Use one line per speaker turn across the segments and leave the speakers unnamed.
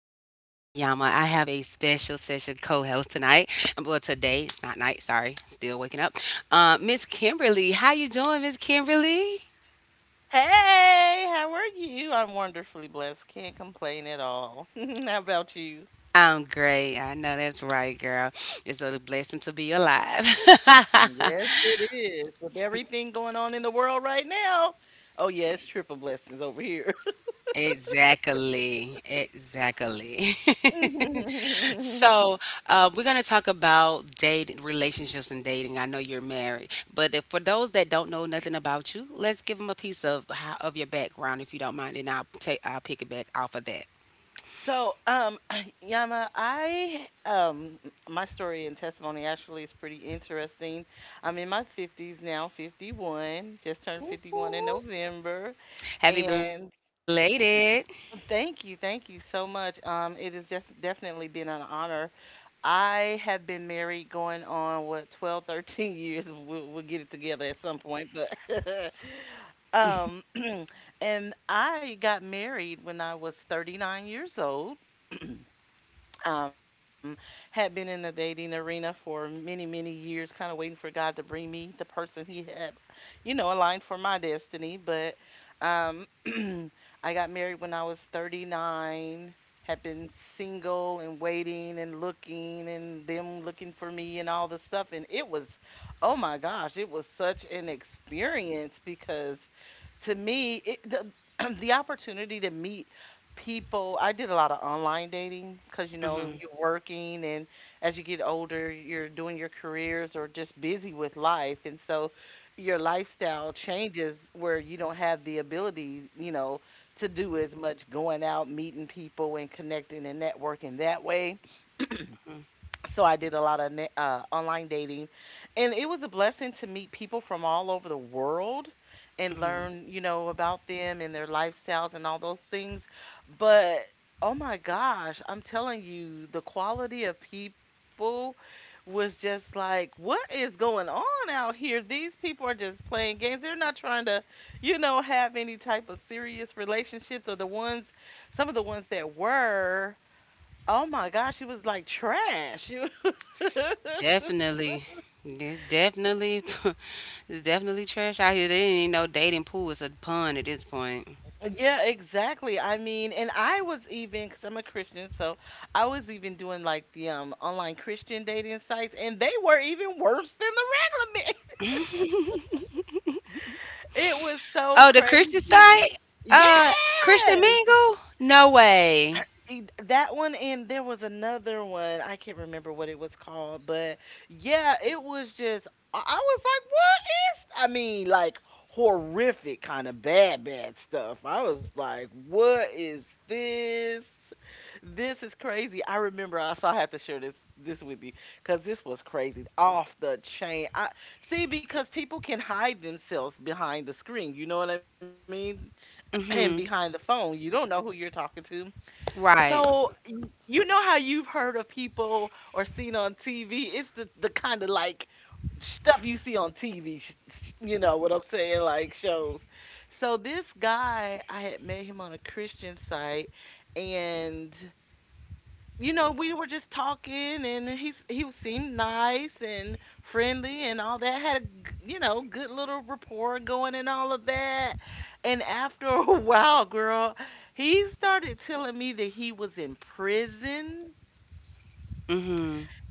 Yama. I have a special, special co-host tonight. Well, today it's not night. Sorry, still waking up. Miss Kimberly, how you doing, Miss Kimberly?
Hey, how are you? I'm wonderfully blessed. Can't complain at all. How about you?
I'm great. I know that's right, girl. It's a blessing to be alive.
Yes, it is. With everything going on in the world right now. Oh, yeah, it's triple blessings over here.
Exactly, exactly. So, we're going to talk about dating, relationships and dating. I know you're married, but if, for those that don't know nothing about you, let's give them a piece of of your background, if you don't mind, and I'll pick it back off of that.
So, Yama, I, my story and testimony actually is pretty interesting. I'm in my 50s now, 51, just turned
Ooh,
51 in
ooh.
November.
Happy
And
belated.
thank you. Thank you so much. It has just definitely been an honor. I have been married going on what 12, 13 years. We'll get it together at some point, but um, and I got married when I was 39 years old, um, had been in the dating arena for many, many years, kind of waiting for God to bring me the person He had, you know, aligned for my destiny. But um, I got married when I was 39, had been single and waiting and looking and them looking for me and all the stuff. And it was, oh my gosh, it was such an experience because to me, the opportunity to meet people. I did a lot of online dating because you know
Hmm.
you're working, and as you get older you're doing your careers or just busy with life, and so your lifestyle changes where you don't have the ability, you know, to do as much going out meeting people and connecting and networking that way. So I did a lot of online dating, and it was a blessing to meet people from all over the world and
Hmm.
learn, you know, about them and their lifestyles and all those things. But oh my gosh, I'm telling you, the quality of people was just like, what is going on out here? These people are just playing games. They're not trying to, you know, have any type of serious relationships, or the ones, some of the ones that were. Oh my gosh, it was like trash.
Definitely. It's definitely, it's definitely trash out here. There ain't no dating pool. It's a pun at this point.
Yeah, exactly. I mean, and I was even, because I'm a Christian, so I was even doing like the online Christian dating sites, and they were even worse than the regular men. It was so
Oh, the Christian
crazy.
site? Uh, Christian
Yes,
Mingle? No way.
e- that one, and there was another one. I can't remember what it was called, but yeah, it was just. I was like, what? I mean, like horrific kind of bad, bad stuff. I was like, what is this? This is crazy. I remember I, I have to share this with you because this was crazy. Off the chain. I see, because people can hide themselves behind the screen, you know what I mean? And behind the phone. You don't know who you're talking to. So
Right.
you know how you've heard of people or seen on TV? It's the kind of like stuff you see on TV, you know what I'm saying, like shows. So this guy, I had met him on a Christian site, and you know we were just talking, and he seemed nice and friendly and all that. Had a you know good little rapport going and all of that. And after a while, girl, he started telling me that he was in prison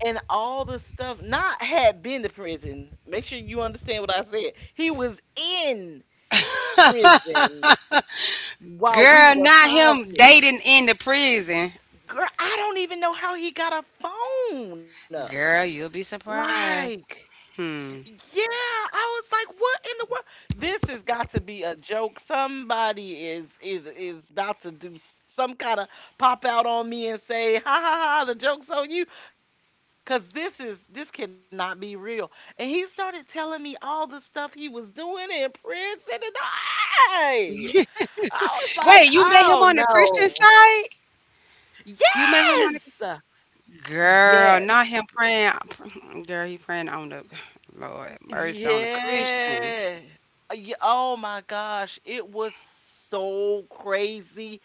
and all the stuff, not had been to prison. Make sure you understand what I said. He was in prison while we
Girl,
were
not him
talking.
dating in the prison.
Girl, I don't even know how he got a phone.
Girl, you'll be
Like,
surprised. Hmm.
yeah, I was like, "What in the world? This has got to be a joke. Somebody is about to some kind of pop out on me and say, 'Ha ha ha, the joke's on you,' cuz this cannot be real." And he started telling me all the stuff he was doing in prison, and I, I was like, "Oh
Wait, you met him on the
no."
Christian side? You met
Yes.
him on the
Yes.
girl, not him praying. Girl, he praying on the Lord mercy on the Christian.
Yeah. Ye oh my gosh, it was so crazy.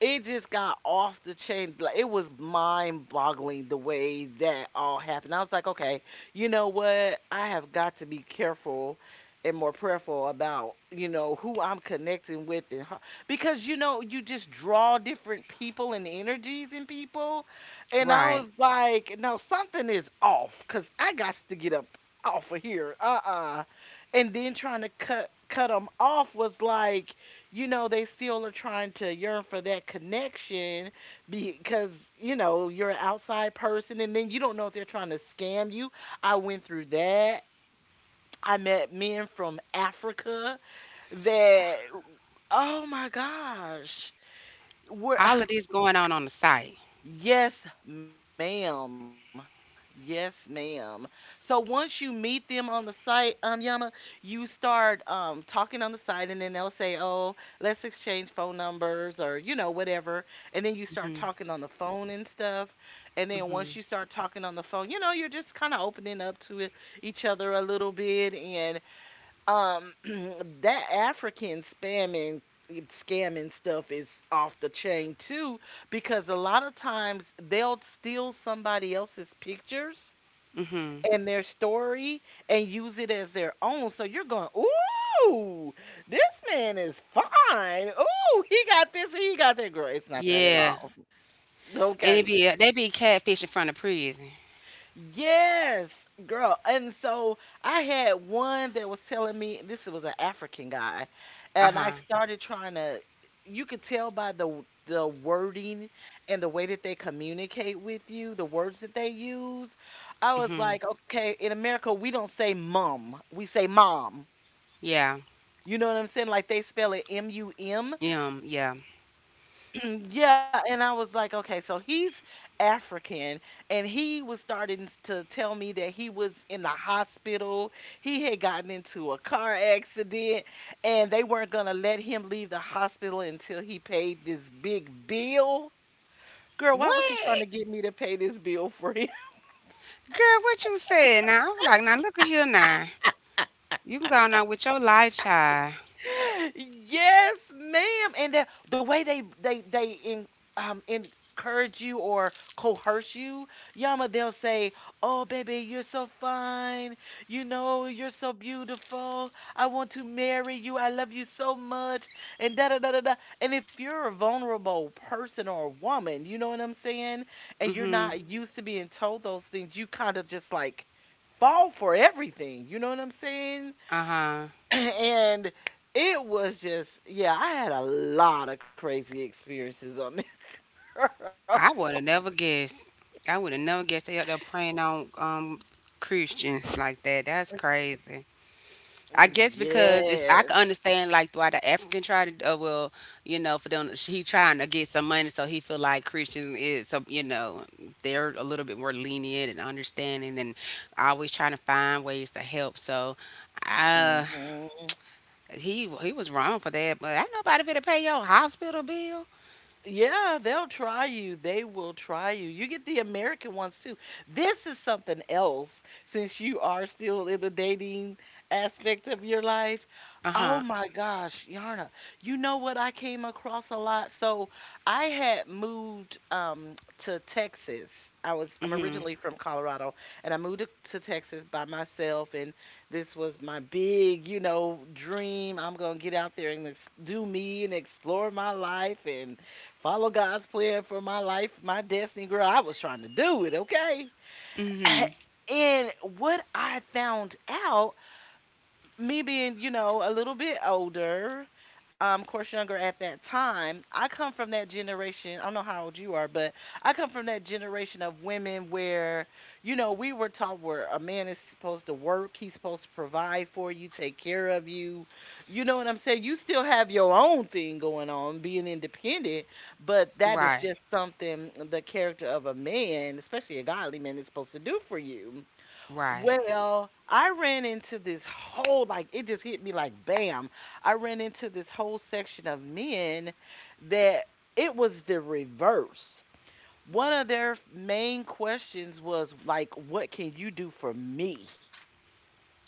It just got off the chain. Like, it was mind boggling the way that all happened. I was like, okay, you know what? I have got to be careful and more prayerful about, you know, who I'm connecting with and how, because you know you just draw different people and energies in people, and I was
Right.
like, no, something is off because I got to get up off of here, and then trying to cut them off was like, you know, they still are trying to yearn for that connection because, you know, you're an outside person and then you don't know if they're trying to scam you. I went through that. I met men from Africa that, oh my gosh. Were
All of this going on the site.
yes, ma'am. Yes, ma'am. So once you meet them on the site, Yama, you start talking on the site, and then they'll say, "Oh, let's exchange phone numbers," or you know, whatever. And then you start talking on the phone and stuff. And then once you start talking on the phone, you know, you're just kind of opening up to each other a little bit, and that scamming stuff is off the chain too, because a lot of times they'll steal somebody else's pictures
Hmm.
and their story and use it as their own. So you're going, "Ooh, this man is fine. Ooh, he got this, he got that, girl. It's not that at
Yeah.
all."
And it
Okay.
be they be catfishing from the prison.
Yes, girl. And so I had one that was telling me, this was an African guy,
Uh
and I
huh.
started trying to. You could tell by the wording and the way that they communicate with you, the words that they use. I was
Hmm.
like, okay, in America we don't say mum, we say mom.
Yeah.
You know what I'm saying? Like they spell it MUM.
Yeah.
Yeah, and I was like, okay, so he's African, and he was starting to tell me that he was in the hospital. He had gotten into a car accident, and they weren't gonna let him leave the hospital until he paid this big bill. Girl, why was he trying
What?
to get me to pay this bill for him?
Girl, what you said now? I was like, now look at here now. You can go on out with your light, child.
Yes, ma'am. And the way they encourage you or coerce you, Yama, they'll say, "Oh, baby, you're so fine. You know, you're so beautiful. I want to marry you. I love you so much." And da da da da da. And if you're a vulnerable person or a woman, you know what I'm saying, and you're
Mm-hmm.
not used to being told those things, you kind of just like fall for everything. You know what I'm saying?
Uh-huh.
And it was just, yeah, I had a lot of crazy experiences on that
I
road.
would have never guessed. I would have never guessed they up there preying on Christians like that. That's crazy. I guess because it's
Yes.
I can understand like why the African tried to well, you know, for them he trying to get some money so he feel like Christians is some, you know, they're a little bit more lenient and understanding and always trying to find ways to help so uh
Mhm.
he was wrong for that, but ain't nobody finna pay your hospital bill.
Yeah, they'll try you. They will try you. You get the American ones too. This is something else, since you are still in the dating aspect of your life.
Uh-huh.
Oh my gosh, Yarna. You know what I came across a lot? So I had moved to Texas. I'm
Mm-hmm.
originally from Colorado, and I moved to Texas by myself, and this was my big, you know, dream. I'm going to get out there and do me and explore my life and follow God's plan for my life, my destiny, girl. I was trying to do it, okay?
Mm-hmm.
And what I found out, me being, you know, a little bit older, of course, younger at that time, I come from that generation. I don't know how old you are, but I come from that generation of women where, you know, we were taught where a man is supposed to work, he's supposed to provide for you, take care of you. You know what I'm saying? You still have your own thing going on, being independent, but that
Right.
is just something, the character of a man, especially a godly man, is supposed to do for you.
Right.
Well, I ran into this whole, like, it just hit me like bam. I ran into this whole section of men that, it was the reverse. One of their main questions was, like, what can you do for me?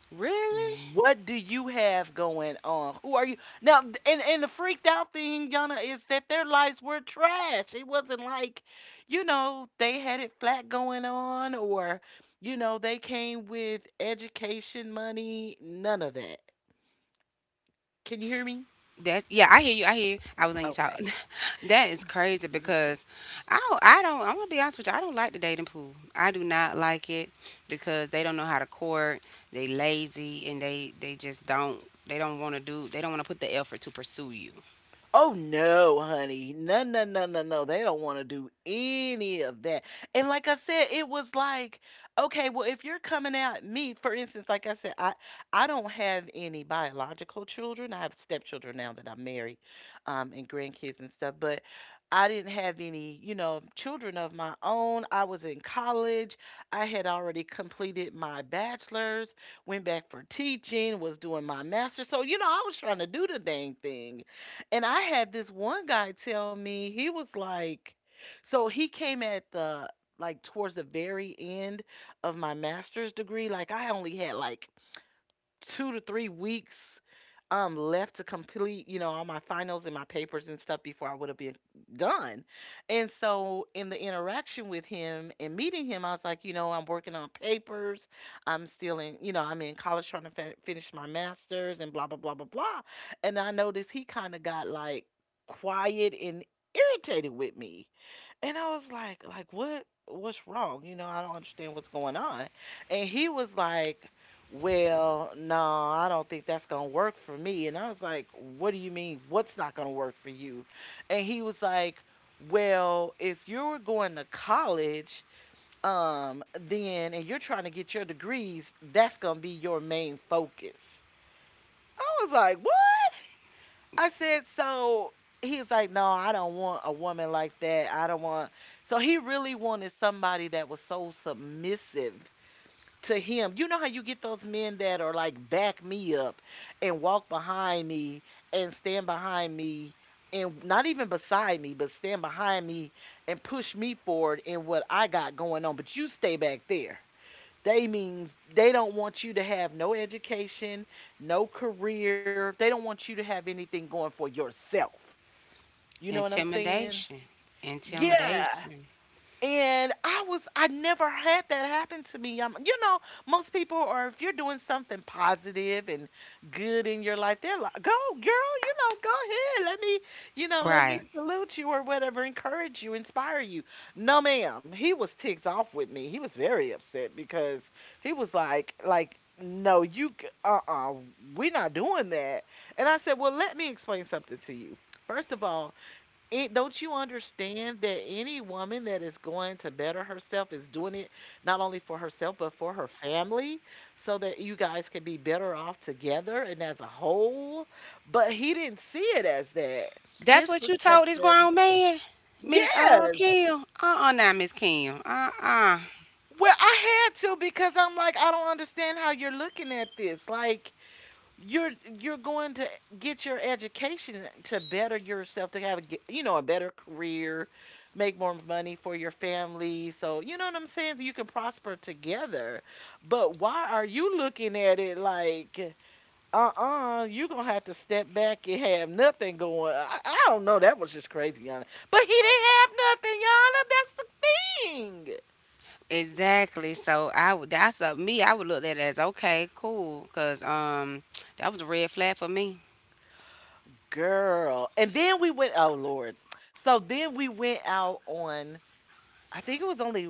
Really?
What do you have going on? Who are you now? And the freaked out thing, Yana, is that their lives were trash. It wasn't like, you know, they had it flat going on, or you know, they came with education money. None of that. Can you hear me?
That's, yeah, I hear you. I hear you. I was letting you talk.
Okay.
That is crazy because I don't, I'm gonna be honest with you. I don't like the dating pool. I do not like it because they don't know how to court. They lazy and they just don't want to do they don't want to put the effort to pursue you.
Oh no, honey. No, no, no, no, no. They don't want to do any of that. And like I said, it was like, okay, well, if you're coming at me, for instance, like I said, I don't have any biological children. I have stepchildren now that I'm married, and grandkids and stuff, but I didn't have any, you know, children of my own. I was in college. I had already completed my bachelor's, went back for teaching, was doing my master's. So, you know, I was trying to do the dang thing and I had this one guy tell me. He was like, so he came at the, like, towards the very end of my master's degree. Like I only had like 2 to 3 weeks left to complete, you know, all my finals and my papers and stuff before I would have been done. And so in the interaction with him and meeting him, I was like, you know, I'm working on papers, I'm still in, you know, I'm in college trying to finish my masters and blah blah blah blah blah. And I noticed he kind of got like quiet and irritated with me. And I was like, what's wrong? You know, I don't understand what's going on. And he was like, well, no, I don't think that's gonna work for me. And I was like, what do you mean what's not gonna work for you? And he was like, well, if you're going to college, then and you're trying to get your degrees, that's gonna be your main focus. I was like, what? I said, so he's like, no, I don't want a woman like that. I don't want. So he really wanted somebody that was so submissive to him. You know how you get those men that are like, back me up and walk behind me and stand behind me and not even beside me, but stand behind me and push me forward in what I got going on. But you stay back there. They means they don't want you to have no education, no career. They don't want you to have anything going for yourself. You know what I'm saying?
Intimidation.
Yeah.
Intimidation.
And I never had that happen to me. You know, most people are, if you're doing something positive and good in your life, they're like, "Go, girl, you know, go ahead. Let me, you know, let me
Right.
salute you or whatever, encourage you, inspire you." No, ma'am. He was ticked off with me. He was very upset because he was like, no, you c- uh-uh, we're not doing that. And I said, "Well, let me explain something to you. First of all, it, don't you understand that any woman that is going to better herself is doing it not only for herself but for her family so that you guys can be better off together and as a whole?" But he didn't see it as that.
That's
His
what you told this
perspective,
grown man, Miss
yes.
Kim. Uh, now Miss Kim. Uh.
Well, I had to because I'm like, I don't understand how you're looking at this. Like, You're you're going to get your education to better yourself, to have a ge- you know, a better career, make more money for your family. So you know what I'm saying. You can prosper together. But why are you looking at it like, uh-uh, you're gonna have to step back and have nothing going? I don't know. That was just crazy, Yana. But he didn't have nothing, Yana. That's the thing,
Exactly. So I would, that's a me. I would look at it as okay, cool, cause that was a red flag for me.
girl. And then we went. Oh Lord. So then we went out on, I think it was only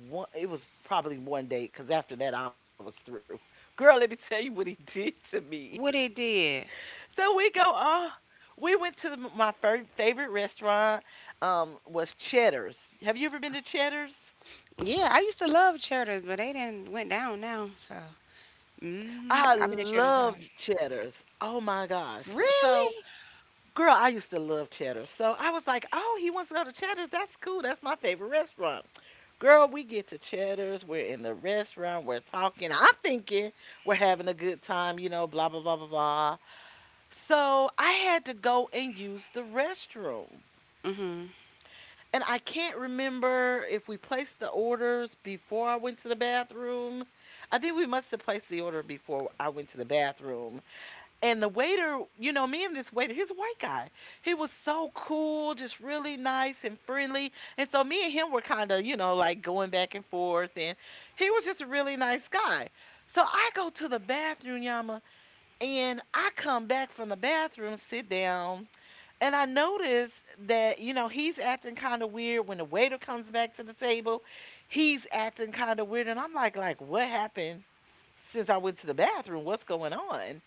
one. It was probably one date because after that I was through. Girl, let me tell you what he did to me.
What it did.
So we go on. We went to the, my fir- favorite restaurant. Was Cheddar's. Have you ever been to Cheddar's?
Yeah, I used to love Cheddars, but they didn't went down now. So hmm,
I
I've been a Cheddar side.
loved Cheddar's. Oh my gosh. So,
Really?
girl, I used to love Cheddar's. So I was like, oh, he wants to go to Cheddar's. That's cool. That's my favorite restaurant. Girl, we get to Cheddar's. We're in the restaurant. We're talking. I'm thinking we're having a good time, you know, blah, blah, blah, blah, blah. So I had to go and use the restroom.
Mhm.
And I can't remember if we placed the orders before I went to the bathroom. I think we must have placed the order before I went to the bathroom. And the waiter, you know, me and this waiter, he's a white guy. He was so cool, just really nice and friendly. And so me and him were kind of, you know, like going back and forth. And he was just a really nice guy. So I go to the bathroom, Yama, and I come back from the bathroom, sit down, and I notice that, you know, he's acting kind of weird. When the waiter comes back to the table, he's acting kind of weird. And I'm like, what happened since I went to the bathroom? What's going on?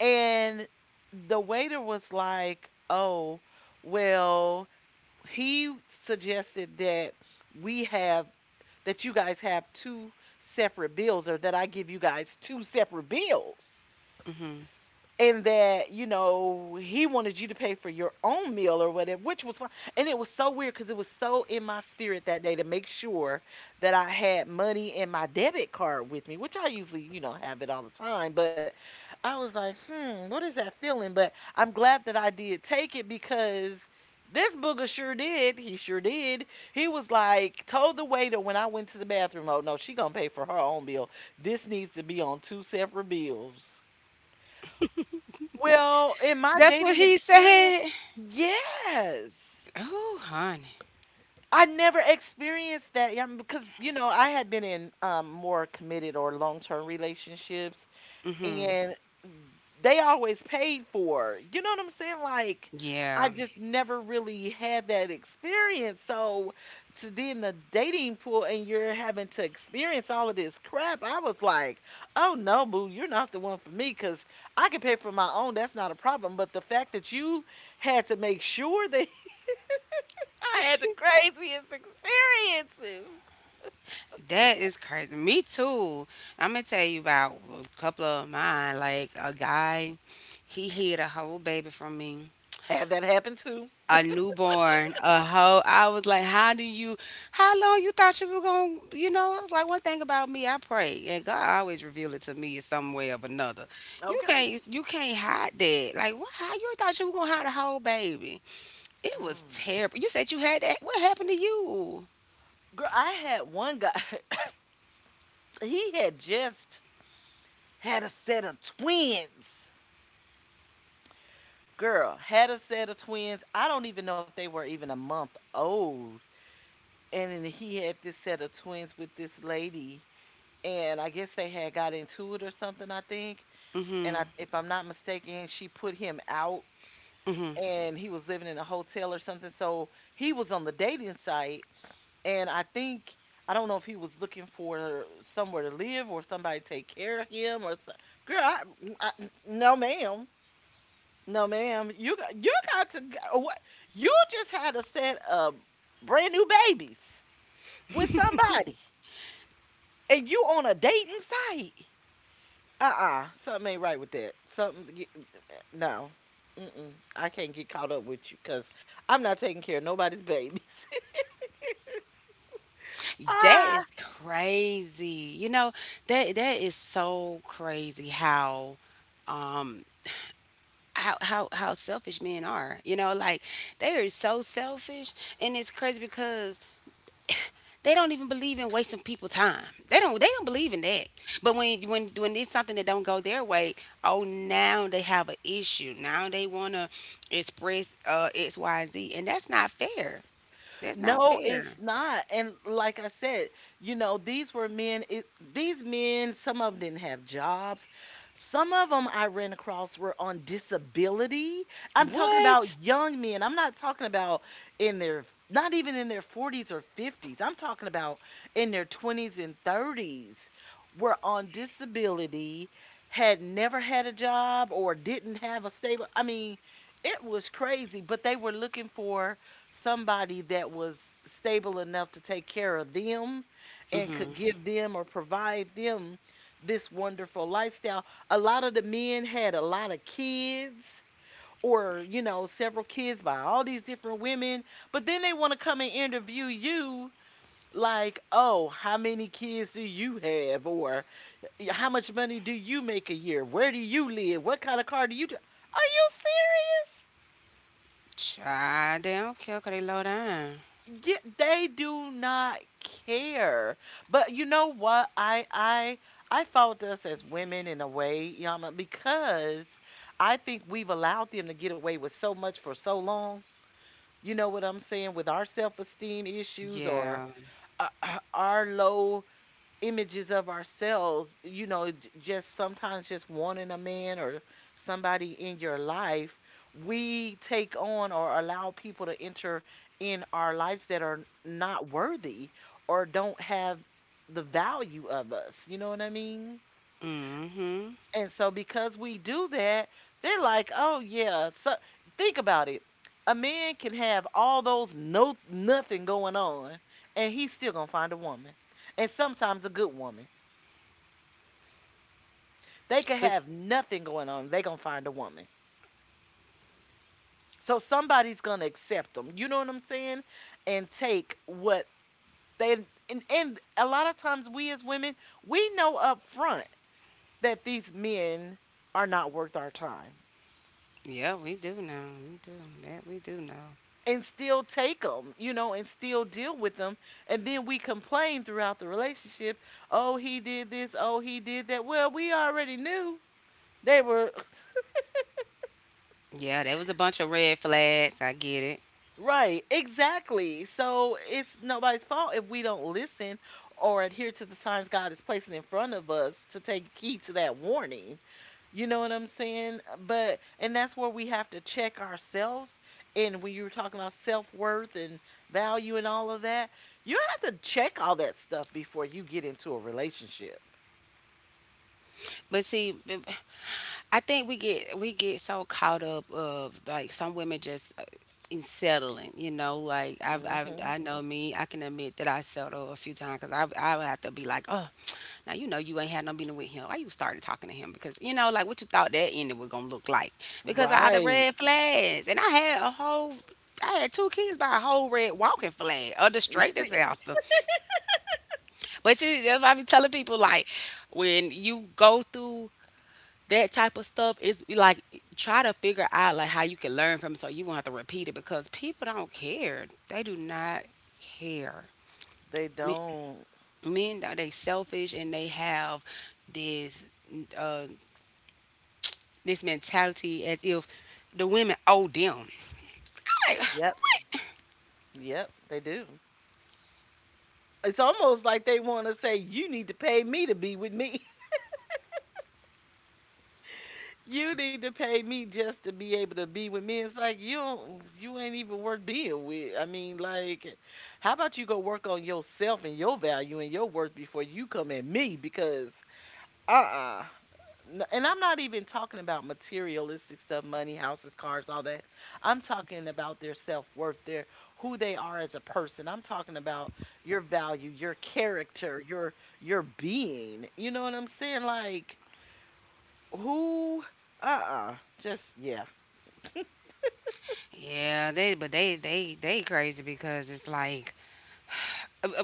And the waiter was like, "Oh, well, he suggested that we have, that you guys have two separate bills, or that I give you guys two separate bills,
Mhm.
and that, you know, he wanted you to pay for your own meal or whatever." Which was fine. And it was so weird because it was so in my spirit that day to make sure that I had money in my debit card with me, which I usually, you know, have it all the time. But I was like, hmm, what is that feeling? But I'm glad that I did take it because this booger sure did. He sure did. He was like, told the waiter when I went to the bathroom, oh no, she gonna pay for her own bill. This needs to be on two separate bills. Well, in my
That's what
dating
he
experience,
said?
yes.
Oh, honey.
I never experienced that, yeah, because, you know, I had been in, more committed or long-term relationships,
Mhm.
and they always paid for it. You know what I'm saying? Like, I
Yeah,
just never really had that experience. So to then the dating pool and you're having to experience all of this crap, I was like, oh no, boo, you're not the one for me because I can pay for my own. That's not a problem. But the fact that you had to make sure that I had the craziest experiences.
that is crazy. Me too. I'm gonna tell you about a couple of mine. Like a guy, he hid a whole baby from me.
Had that happen too.
A newborn, a hoe. I was like, how long you thought you were going to, you know, I was like, one thing about me, I pray, and God always reveal it to me in some way or another.
Okay.
You can't hide that. Like, what, how you thought you were going to hide a whole baby? It was
Mm.
terrible. You said you had that. What happened to you?
Girl, I had one guy. he had just had a set of twins. Girl had a set of twins. I don't even know if they were even a month old. And then he had this set of twins with this lady. And I guess they had got into it or something, I think. And
Hmm.
I, if I'm not mistaken, she put him out and he was living in a hotel or something. So he was on the dating site. And I think, I don't know if he was looking for somewhere to live or somebody to take care of him or so. Girl, I, no, ma'am. No, ma'am. You got to g- what? You just had a set of brand new babies with somebody, and you on a dating site. Uh-uh, something ain't right with that. Something get, mm, eh, no. Mm-mm. I can't get caught up with you because I'm not taking care of nobody's babies.
That is
Ah.
crazy. You know, that is so crazy how, um, how selfish men are. You know, like they are so selfish, and it's crazy because they don't even believe in wasting people time. They don't believe in that. But when it's something that don't go their way, oh now they have an issue. Now they wanna express X Y and Z, and that's not fair. That's not
No, it's
fair.
not. And like I said, you know, these were men. It, these men, some of them didn't have jobs. Some of them I ran across were on disability. I'm talking about
What?
young men. I'm not talking about in their, not even in their 40s or 50s. I'm talking about in their 20s and 30s were on disability, had never had a job or didn't have a stable. I mean, it was crazy, but they were looking for somebody that was stable enough to take care of them and
Mm-hmm.
could give them or provide them this wonderful lifestyle. A lot of the men had a lot of kids or, you know, several kids by all these different women, but then they want to come and interview you like, "Oh, how many kids do you have?" or, "Yeah, how much money do you make a year? Where do you live? What kind of car do you do?" Are you serious?
Child, they don't care 'cause they low down.
Yeah, they do not care. But you know what? I fault us as women in a way, Yama, because I think we've allowed them to get away with so much for so long. You know what I'm saying? With our self-esteem issues or,
Yeah.
our low images of ourselves, you know, just sometimes just wanting a man or somebody in your life, we take on or allow people to enter in our lives that are not worthy or don't have the value of us. You know what I mean?
Mm-hmm.
And so because we do that, they're like, "Oh yeah." So think about it. A man can have all those no, nothing going on, and he's still going to find a woman. And sometimes a good woman. They could
But s-
have nothing going on. They gonna find a woman. So somebody's gonna accept them. You know what I'm saying? And take what they and a lot of times, we as women, we know up front that these men are not worth our time,
yeah, we do know. We do. That we do know.
and still take them, and still deal with them. And then we complain throughout the relationship. Oh, he did this, oh, he did that. Well, we already knew they were...
Yeah, there was a bunch of red flags. I get it.
Right, exactly. So it's nobody's fault if we don't listen or adhere to the signs God is placing in front of us to take heed to that warning. You know what I'm saying? But and that's where we have to check ourselves. And when you were talking about self worth and value and all of that, you have to check all that stuff before you get into a relationship.
But see, b- I think we get so caught up of like some women just in settling, you know, like I've,
Hmm.
I know me, I can admit that I settled a few times because I would have to be like, oh, now you know you ain't had no meeting with him. Why you started talking to him? Because, you know, like what you thought that ending was gonna look like because of all the
Right.
red flags, and I had a whole, I had two kids by a whole red walking flag, a
You
straight
see?
disaster. But you, that's why I be telling people like when you go through that type of stuff, it's like try to figure out like how you can learn from it so you won't have to repeat it because people don't care. They do not care.
They
Men,
don't.
men, they selfish and they have this uh, this mentality as if the women owe them. Like,
Yep. Yep, they do. It's almost like they want to say, "You need to pay me to be with me." You need to pay me just to be able to be with me. It's like you don't, you ain't even worth being with. I mean, like, how about you go work on yourself and your value and your worth before you come at me? Because uh-uh. And I'm not even talking about materialistic stuff, money, houses, cars, all that. I'm talking about their self-worth, their who they are as a person. I'm talking about your value, your character, your being, you know what I'm saying? Like who uh-uh, just yeah.
yeah, they crazy because it's like uh, uh,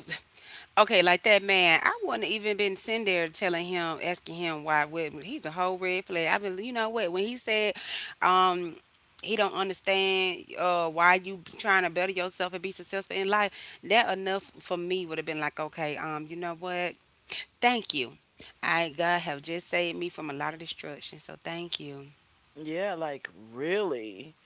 okay, like that man, I wouldn't even been sitting there telling him, asking him why. What, he's a whole red flag. I believe, you know what, when he said, um, he don't understand why you trying to better yourself and be successful in life. That enough for me would have been like, okay, you know what? Thank you. I, God have just saved me from a lot of destruction, so thank you.
Yeah, like really.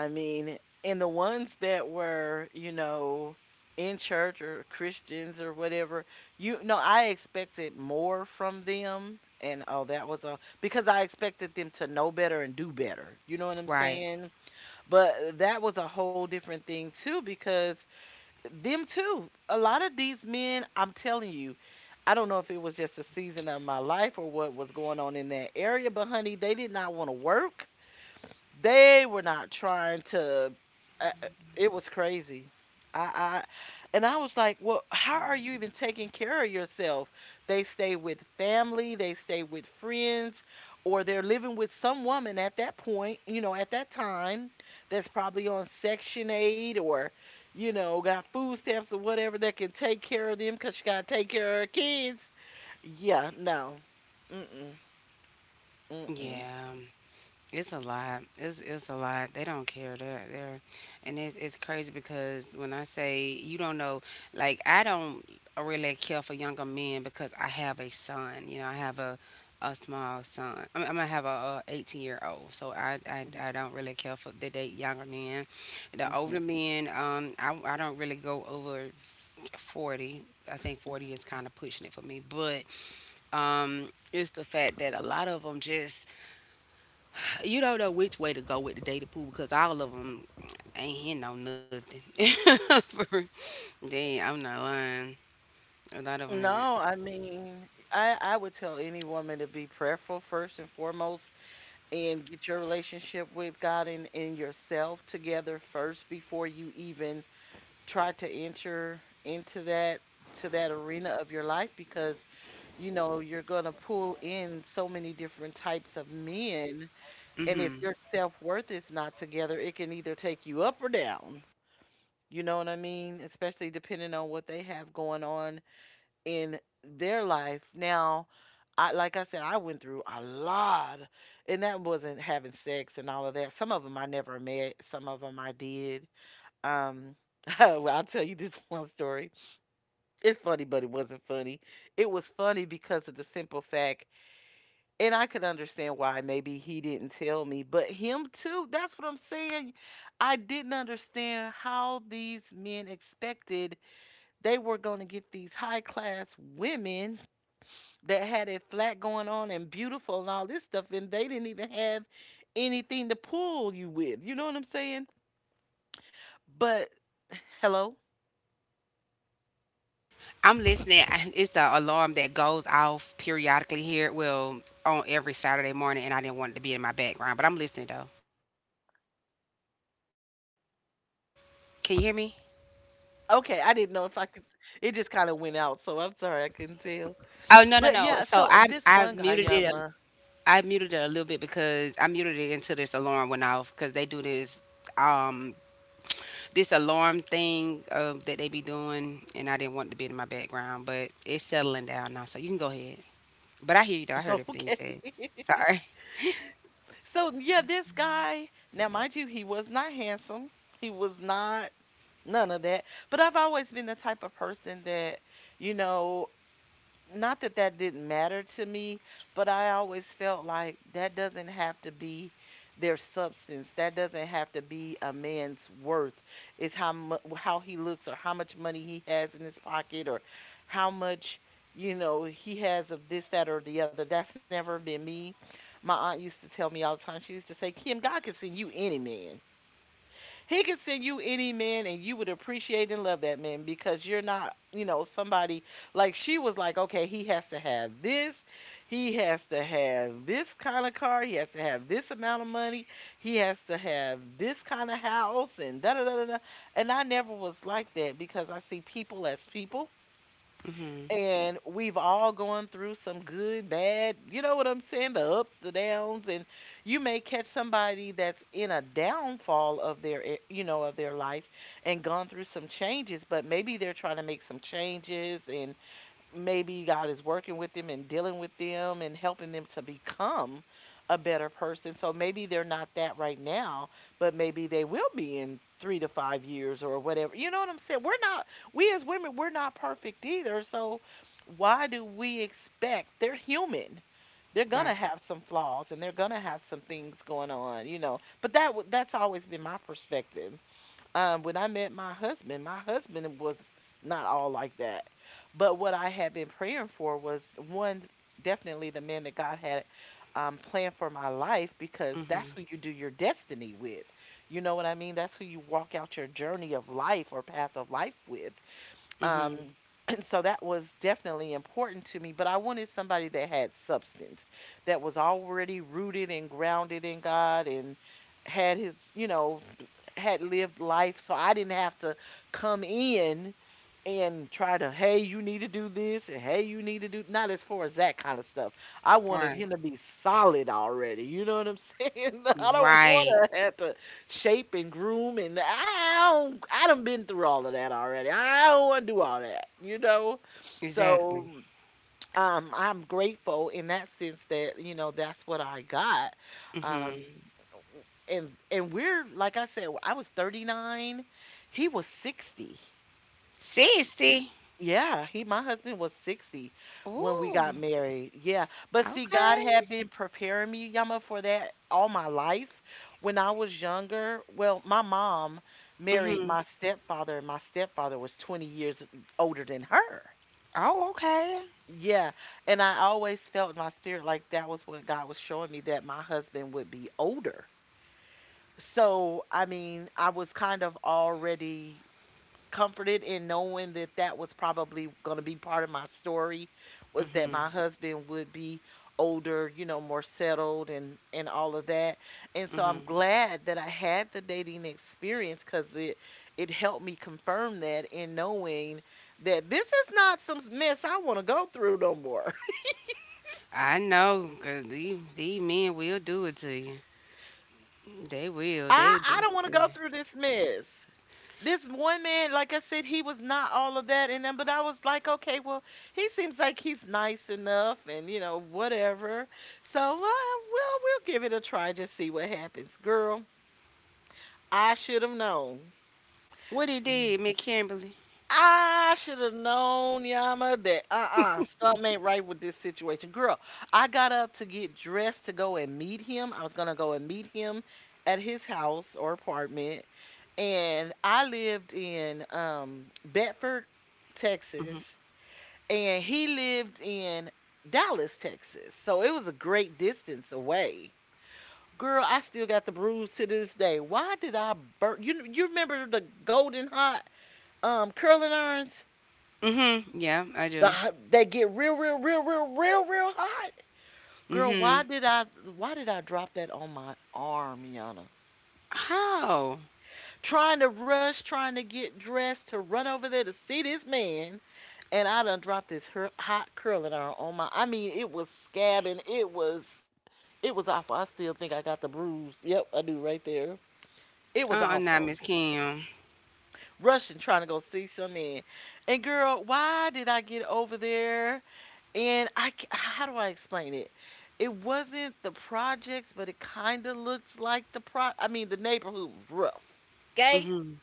I mean, and the ones that were, you know, in church or Christians or whatever, you know, I expected more from them. And oh, that was a because I expected them to know better and do better. You know what I'm
Right?
saying? But that was a whole different thing too, because them too. A lot of these men, I'm telling you, I don't know if it was just a season of my life or what was going on in that area, but honey, they did not want to work. They were not trying to. Uh, uh, it was crazy. I and I was like, well, how are you even taking care of yourself? They stay with family, they stay with friends, or they're living with some woman at that point, you know, at that time, that's probably on Section 8 or, you know, got food stamps or whatever, that can take care of them because she got to take care of her kids. Yeah, no. Mm-mm, mm-mm,
Yeah. It's a lot. It's a lot. They don't care. And it's crazy because when I say you don't know, like I don't really care for younger men because I have a son. You know, I have a small son. I mean, I'm gonna have a 18-year-old. So
mm-mm,
I don't really care for the date younger men. The
mm-mm.
older men, I don't really go over 40. I think 40 is kind of pushing it for me, but it's the fact that a lot of them just you don't know which way to go with the data pool because all of them ain't hitting on nothing. For, damn, I'm not lying. A lot of them
No,
isn't.
I mean, I would tell any woman to be prayerful first and foremost and get your relationship with God and yourself together first before you even try to enter into that to that arena of your life, because you know you're going to pull in so many different types of men. And if
Hmm.
your self-worth is not together, it can either take you up or down. You know what I mean? Especially depending on what they have going on in their life. Now, I like I said, I went through a lot, and that wasn't having sex and all of that. Some of them I never met, some of them I did. Um, well, I'll tell you this one story. It's funny, but it wasn't funny. It was funny because of the simple fact, and I could understand why maybe he didn't tell me, but him too. That's what I'm saying. I didn't understand how these men expected they were going to get these high class women that had it flat going on and beautiful and all this stuff, and they didn't even have anything to pull you with. You know what I'm saying? But hello.
I'm listening. It's the alarm that goes off periodically here. Well, on every Saturday morning, and I didn't want it to be in my background, but I'm listening though. Can you hear me?
Okay, I didn't know if I could. It just kind of went out, so I'm sorry I couldn't tell.
Oh no no
But
no.
yeah,
So
so this
I
one guy,
muted it.
Yama.
I muted it a little bit because I muted it until this alarm went off because they do this. Um, this alarm thing that they be doing, and I didn't want it to be in my background, but it's settling down now, so you can go ahead. But I hear you though. I heard everything you
Okay.
said. Sorry.
So yeah, this guy. Now, mind you, he was not handsome. He was not none of that. But I've always been the type of person that, you know, not that that didn't matter to me, but I always felt like that doesn't have to be their substance. That doesn't have to be a man's worth. It's how he looks or how much money he has in his pocket or how much, you know, he has of this that or the other. That's never been me. My aunt used to tell me all the time. She used to say, "Kim, God can send you any man. He could send you any man and you would appreciate and love that man because you're not, you know, somebody..." Like she was like, okay, he has to have this. He has to have this kind of car. He has to have this amount of money. He has to have this kind of house and da da da da da." And I never was like that because I see people as people,
Mhm.
and we've all gone through some good, bad, you know what I'm saying, the ups, the downs, and you may catch somebody that's in a downfall of their, eh, you know, of their life and gone through some changes, but maybe they're trying to make some changes and maybe God is working with them and dealing with them and helping them to become a better person. So maybe they're not that right now, but maybe they will be in 3 to 5 years or whatever. You know what I'm saying? We're not, we as women, we're not perfect either. So why do we expect? They're human. They're
Right.
gonna have some flaws and they're gonna have some things going on, you know. But that's always been my perspective. When I met my husband was not all like that. But what I had been praying for was one, definitely the man that God had planned for my life, because that's
Mhm.
who you do your destiny with. You know what I mean? That's who you walk out your journey of life or path of life with.
Mhm.
Um, and so that was definitely important to me, but I wanted somebody that had substance, that was already rooted and grounded in God and had his, you know, had lived life, so I didn't have to come in and try to, hey, you need to do this, and hey, you need to do, not as far as that kind of stuff. I wanted
Right.
him to be solid already. You know what I'm saying? I don't want
Right.
to have to shape and groom, and I don't. I done been through all of that already. I don't want to do all that. You know, so
Exactly.
I'm grateful in that sense that, you know, that's what I got. Um,
Mhm.
and we're like I said, I was 39, he was 60.
60.
Yeah, he my husband was 60 when we
Ooh.
got married. Yeah. But see, God
Okay.
had been preparing me, Yama, for that all my life. When I was younger, well, my mom married
Mhm.
my stepfather, and my stepfather was 20 years older than her.
Oh, okay.
Yeah. And I always felt in my spirit like that was what God was showing me, that my husband would be older. So, I mean, I was kind of already comforted in knowing that that was probably going to be part of my story, was that
Mhm.
my husband would be older, you know, more settled and all of that. And so I'm
Mhm.
glad that I had the dating experience, cuz it it helped me confirm that, in knowing that this is not some mess I want to go through no more.
I know, cause these men will do it to you. They
I
will.
I
They
don't
will
wanna
do
go
it to
through
you.
this mess. This one man, like I said, he was not all of that, and then but I was like, "Okay, well, he seems like he's nice enough and, you know, whatever. So, well, we'll give it a try, just see what happens." Girl, I should have known.
What he did, Miss Kimberly?
I should have known, Yama, that uh-uh, something ain't right with this situation. Girl, I got up to get dressed to go and meet him. I was gonna go and meet him at his house or apartment. And I lived in Bedford, Texas, and he lived in Dallas, Texas. So it was a great distance away. Girl, I still got the bruise to this day. Why did I burn? You remember the golden hot curling irons?
Mm-hmm. Yeah, I do.
They get real, real, real, real, real, real hot. Girl,
Mm-hmm.
why did I drop that on my arm, Yana?
How?
Trying to rush, trying to get dressed to run over there to see this man, and I done dropped this her, hot curling iron on my. I mean, it was scabbing. It was awful. I still think I got the bruise. Yep, I do right there. It was
Uh-uh, not Miss
awful.
Kim.
Rushing, trying to go see some men. And girl, why did I get over there? How do I explain it? It wasn't the projects, but it kind of looked like the pro. I mean, the neighborhood was rough.
Mm-hmm.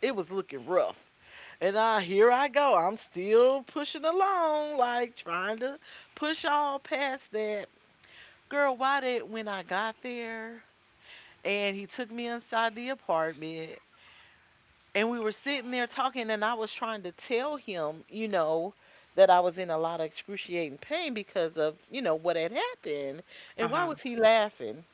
It was looking rough. And I Here I go. I'm still pushing along, like trying to push all past that. Girl, why did when I got there and he took me inside the apartment and we were sitting there talking, and I was trying to tell him, that I was in a lot of excruciating pain because of what had happened. And why
Uh-huh.
was he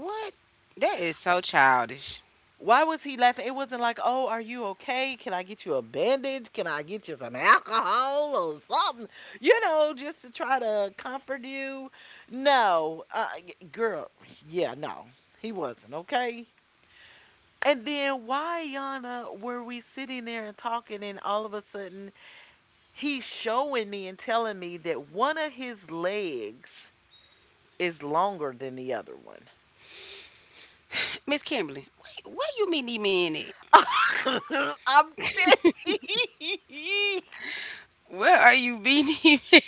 What? That is so childish.
laughing? It wasn't like, oh, are you okay, can I get you a bandage, can I get you some alcohol or something, just to try to comfort you. No, girl, yeah, no, he wasn't okay. And then why yana were we sitting there and talking, and all of a sudden he's showing me and telling me that one of his legs is longer than the other one.
Miss Kimberly, wait, what you mean he mean it?
I'm tell
Where are you being he mean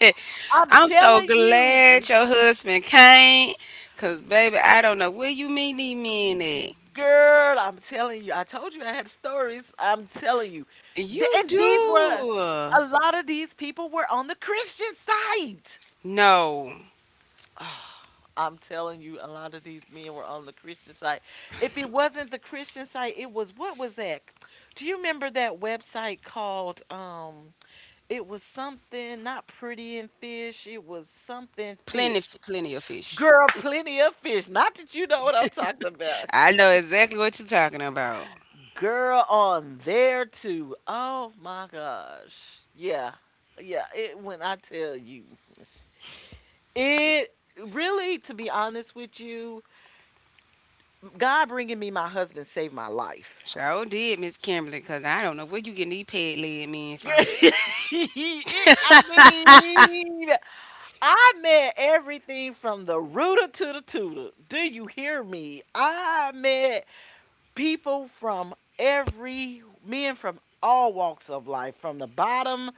it?
am
I'm so
telling you.
glad your husband came. Cause baby, I don't know what you mean he mean it.
Girl, I'm telling you. I told you I had stories. I'm telling you. Th-
You
And these were
do.
a lot of these people were on the Christian side.
No.
I'm telling you, a lot of these men were on the Christian site. If it wasn't the Christian site, it was, what was that? Do you remember that website called, it was something, not pretty and fish, it was something
Plenty
fish.
plenty of fish.
Girl, plenty of fish. Not that you know what I'm talking about.
I know exactly what you're talking about.
Girl on there too. Oh my gosh. Yeah. Yeah, it, when I tell you. It, really, to be honest with you, God bringing me my husband saved my life.
Sure did, Miss Kimberly, because I don't know where you getting these peg leg men from.
It, I mean, I met everything from the rooter to the tutor. Do you hear me? I met people from every, men from all walks of life, from the bottom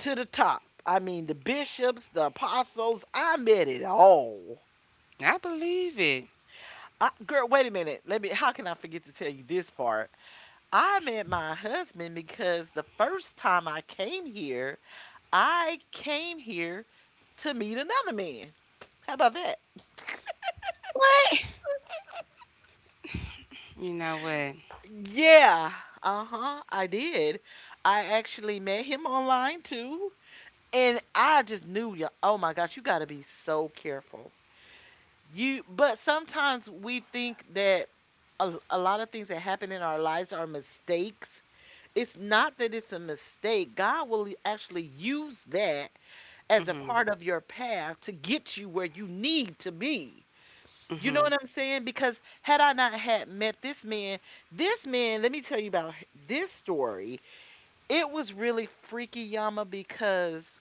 to the top. I mean, the bishops, the apostles, I met it all.
I believe it.
I, girl, wait a minute. Let me, how can I forget to tell you this part? I met my husband because the first time I came here to meet another man. How about that?
What? You know what?
Yeah, uh huh, I did. I actually met him online too, and I just knew ya. Oh my gosh, you gotta be so careful. You, but sometimes we think that a lot of things that happen in our lives are mistakes. It's not that it's a mistake. God will actually use that as a
Mm-hmm.
part of your path to get you where you need to be. You know
Mm-hmm.
what I'm saying? Because had I not had met this man, let me tell you about this story. It was really freaky, yama, because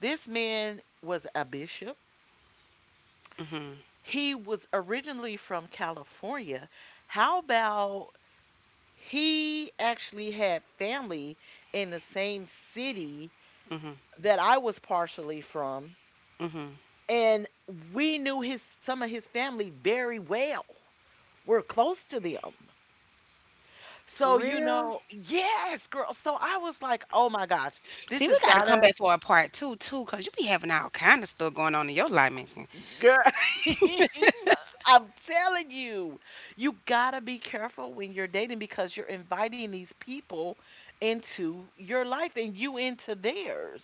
this man was a bishop.
Mm-hmm.
He was originally from California. How about he actually had family in the same city that I was partially from,
Mm-hmm.
and we knew his some of his family very well. We're close to them.
For
So, you
real?
know, yes, girl. So I was like, oh my gosh, this
See, we
has
gotta come
gotta,
back for a part two too, cause you be having all kind of stuff going on in your life, Miss Kim.
girl. I'm telling you, you gotta be careful when you're dating, because you're inviting these people into your life and you into theirs.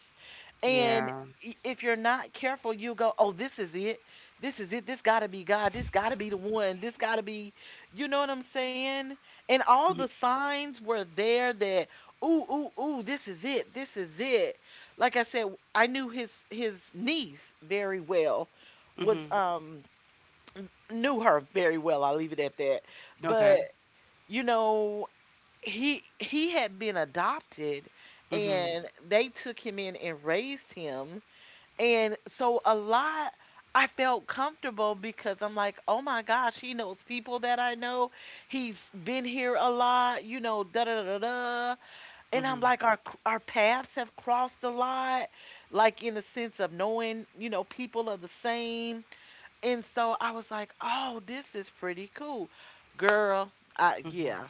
And
Yeah.
if you're not careful, you'll go, oh, this is it. This is it. This gotta be God. This gotta be the one. This gotta be, you know what I'm saying? And all the signs were there that, ooh, ooh, ooh, this is it. This is it. Like I said, I knew his niece very well, was
Mm-hmm.
knew her very well, I'll leave it at that. But,
Okay.
you know, he had been adopted
Mm-hmm.
and they took him in and raised him. And so a lot, I felt comfortable because I'm like, "Oh my gosh, he knows people that I know. He's been here a lot, you know, da da da da." And I'm
Mm-hmm.
like, "Our paths have crossed a lot, like in the sense of knowing, you know, people are the same." And so I was like, "Oh, this is pretty cool, girl." I, yeah,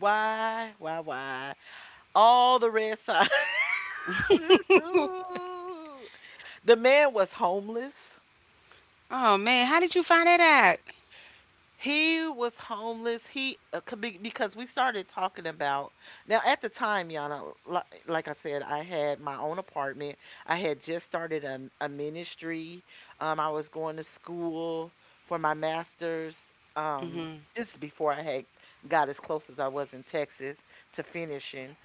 why, why? All the red signs. The man was homeless.
Oh man, how did you find that out?
He was homeless. Because we started talking about, now at the time, Yana, like I said, I had my own apartment. I had just started a ministry. I was going to school for my master's. Um,
Mm-hmm.
this is before I had got as close as I was in Texas to finishing.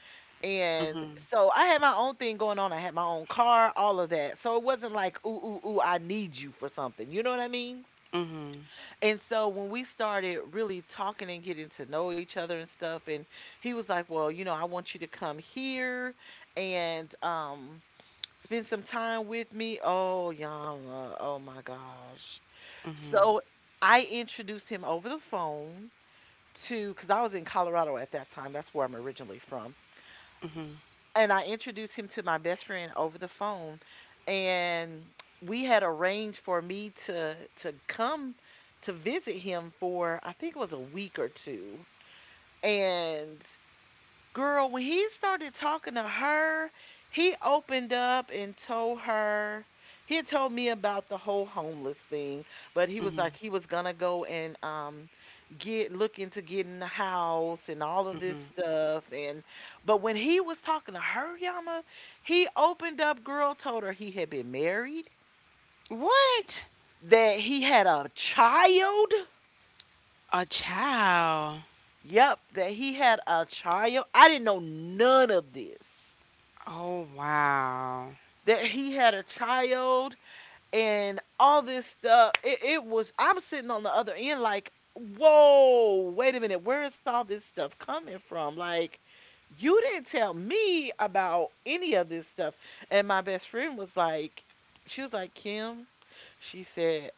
And so I had my own thing going on. I had my own car, all of that. So it wasn't like, ooh, ooh, ooh, I need you for something. You know what I mean?
Mm-hmm.
And so when we started really talking and getting to know each other and stuff, and he was like, well, you know, I want you to come here and spend some time with me. Oh, Yama, oh my gosh.
Mm-hmm.
So I introduced him over the phone to because I was in Colorado at that time. That's where I'm originally from,
Mm-hmm.
and I introduced him to my best friend over the phone, and we had arranged for me to come to visit him for, I think it was a week or two, and girl, when he started talking to her, he opened up and told her. He had told me about the whole homeless thing, but he was like, he was gonna go and get, look into getting a house and all of this stuff. And but when he was talking to her, Yama, he opened up, girl, told her he had been married,
What?
that he had a child.
A child.
Yep, that he had a child. I didn't know none of this,
Oh wow.
that he had a child and all this stuff. It was, I'm sitting on the other end like, whoa, wait a minute, where is all this stuff coming from? Like, you didn't tell me about any of this stuff. And my best friend was like, she was like, Kim, she said,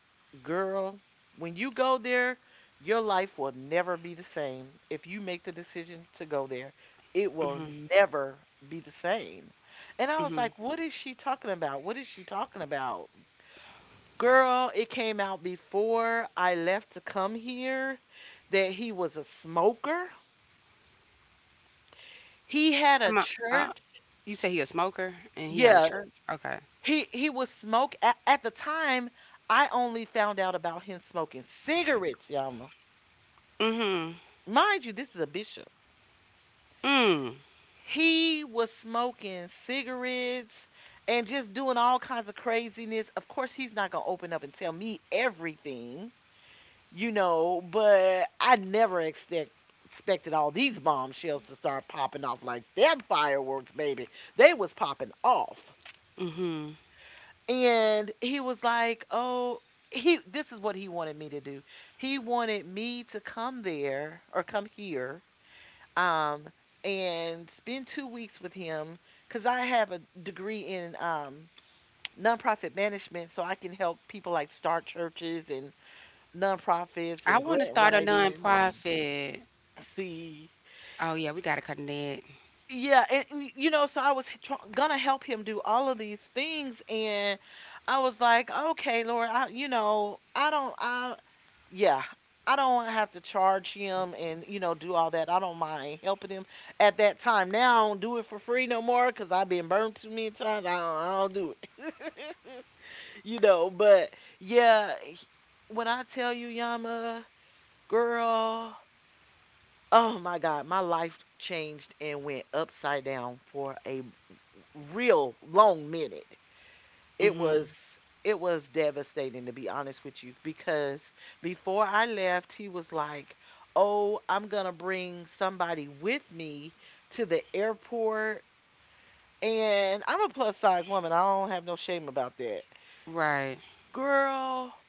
girl, when you go there, your life will never be the same. If you make the decision to go there, it will never be the same. And I was
Mm-hmm.
like, what is she talking about? What is she talking about? Girl, it came out before I left to come here that he was a smoker. He had a church.
You say he a smoker and he had a
Yeah,
church? Okay.
he was smoke at the time. I only found out about him smoking cigarettes, y'all.
Mm-hmm.
Mind you, this is a bishop.
Mm.
He was smoking cigarettes and just doing all kinds of craziness. Of course, he's not gonna open up and tell me everything. You know, but I never expected all these bombshells to start popping off like them fireworks, baby. They was popping off.
Mm-hmm.
And he was like, "Oh, he this is what he wanted me to do. He wanted me to come there or come here um and spend 2 weeks with him, cuz I have a degree in nonprofit management, so I can help people, like start churches and nonprofits
I
and
want to
grant
start a
writing and"
nonprofit.
See,
Oh yeah, we gotta cut that.
yeah, and you know, so I was gonna help him do all of these things, and I was like, okay, Lord, I, you know, I don't, I, yeah, I don't have to charge him and you know do all that. I don't mind helping him at that time. Now I don't do it for free no more because I've been burned too many times. I don't do it, you know. But yeah, when I tell you, Yama, girl. Oh my God, my life changed and went upside down for a real long minute. It
Mm-hmm.
was it was devastating to be honest with you because before I left, he was like, "Oh, I'm going to bring somebody with me to the airport." And I'm a plus size woman. I don't have no shame about that.
Right.
Girl,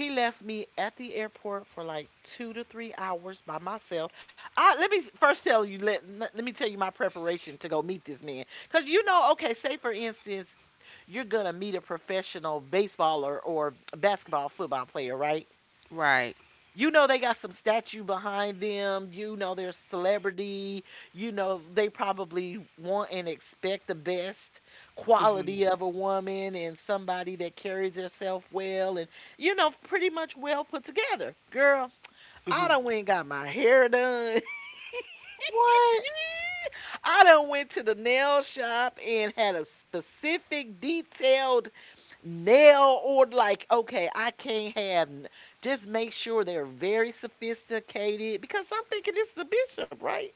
he left me at the airport for like 2 to 3 hours by myself. I, let me first tell you, let me tell you my preparation to go meet this man. Cause you know, okay, say for instance, you're gonna meet a professional baseballer or basketball football player, right?
Right.
You know they got some statue behind them. You know they're celebrity. You know they probably want and expect the best
Mm-hmm.
quality of a woman and somebody that carries herself well and you know pretty much well put together. Girl,
Mm-hmm.
I done went and got my hair done.
What?
I done went to the nail shop and had a specific detailed nail or like, okay, I can't have just make sure they're very sophisticated because I'm thinking this is a bishop, right?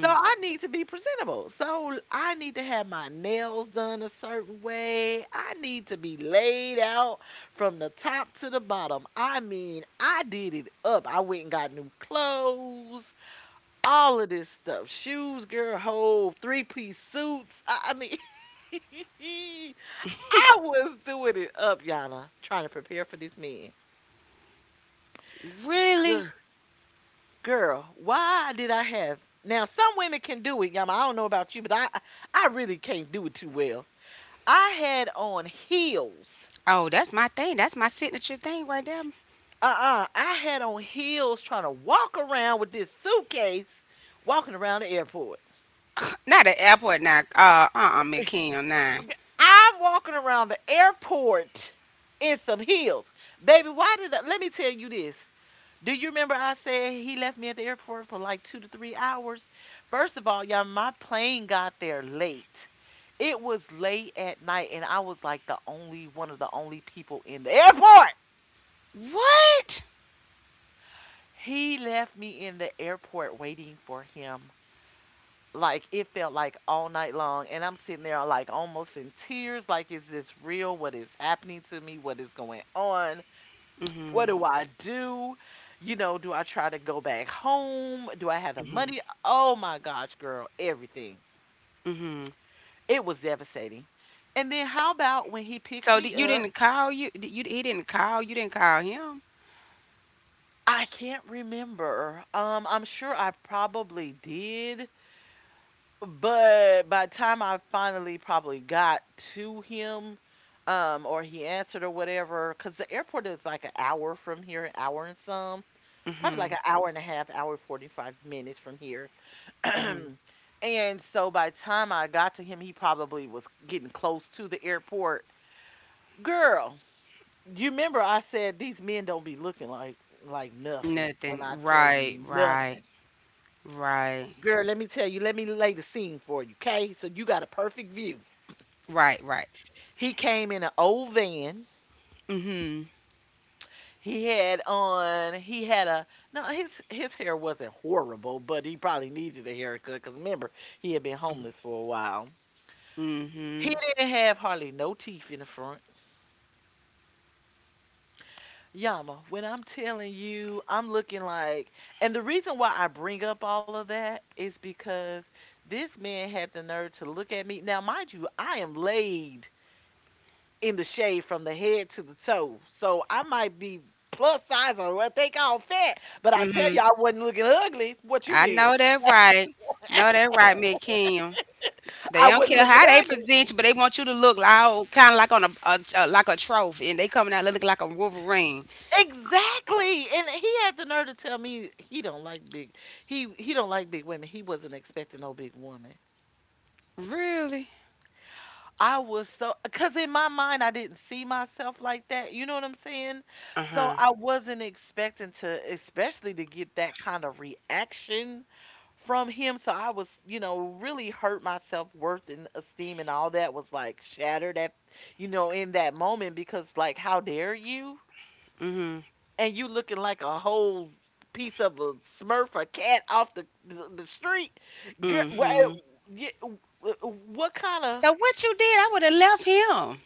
So I need to be presentable, so I need to have my nails done a certain way. I need to be laid out from the top to the bottom. I mean, I did it up. I went and got new clothes, all of this stuff, shoes, girl, whole three-piece suits. I mean I was doing it up, Yana, trying to prepare for this man.
Really?
Girl, girl, why did I have? Now, some women can do it, Yama. I don't know about you, but I really can't do it too well. I had on heels.
Oh, that's my thing. That's my signature thing right there.
Uh-uh. I had on heels trying to walk around with this suitcase, walking around the airport.
Not an airport now.
G-
Uh-uh, McKinney nine.
I'm walking around the airport in some heels. Baby, why did I, let me tell you this. Do you remember I said he left me at the airport for like 2 to 3 hours? First of all, y'all, my plane got there late. It was late at night, and I was like the only one of the only people in the airport.
What?
He left me in the airport waiting for him. Like it felt like all night long, and I'm sitting there like almost in tears. Like, is this real? What is happening to me? What is going on? What
Mm-hmm.
do I do? You know, do I try to go back home? Do I have the money? Oh my gosh, girl, everything.
Mm-hmm.
It was devastating. And then how about when he picks
So
me
did, you
up?
didn't call you? Did you, he didn't call you? Didn't call him?
I can't remember. I'm sure I probably did, but by the time I finally probably got to him, or he answered or whatever, because the airport is like an hour from here, an hour and some, probably like an
Mm-hmm.
hour and a half, hour 45 minutes from here
Mm-hmm.
and so by the time I got to him, he probably was getting close to the airport. Girl, you remember I said these men don't be looking like nothing. When
Nothing.
I tell
Right,
you,
right,
nothing.
right,
Girl, let me tell you, let me lay the scene for you, okay? So you got a perfect view.
right, right.
He came in an old van.
Mm-hmm.
He had on he had a no his his hair wasn't horrible, but he probably needed a haircut because remember he had been homeless for a while. He
Mm-hmm.
didn't have hardly no teeth in the front. Yama, when I'm telling you, I'm looking like, and the reason why I bring up all of that is because this man had the nerve to look at me. Now, mind you, I am laid in the shade from the head to the toe, so I might be plus size or what they call fat, but I tell you, I wasn't looking ugly. What you
I
been?
know that right. Know that right, Miss Kim. They
I
don't
wasn't
care
looking
how they
ugly.
present you, but they want you to look like kind of like on a, a like a trophy, and they coming out looking like a Wolverine.
Exactly. And he had the nerve to tell me he don't like big. He don't like big women. He wasn't expecting no big woman.
Really?
I was so, because in my mind I didn't see myself like that. You know what I'm saying?
Uh
So
huh.
I wasn't expecting to, especially to get that kind of reaction from him. So I was, you know, really hurt. My self worth and esteem and all that was like shattered at, you know, in that moment because like, how dare you?
Mm
And you looking like a whole piece of a Smurf, a cat off the street,
hmm.
girl.
Mm hmm.
What kind of
So what you did? I would have left him.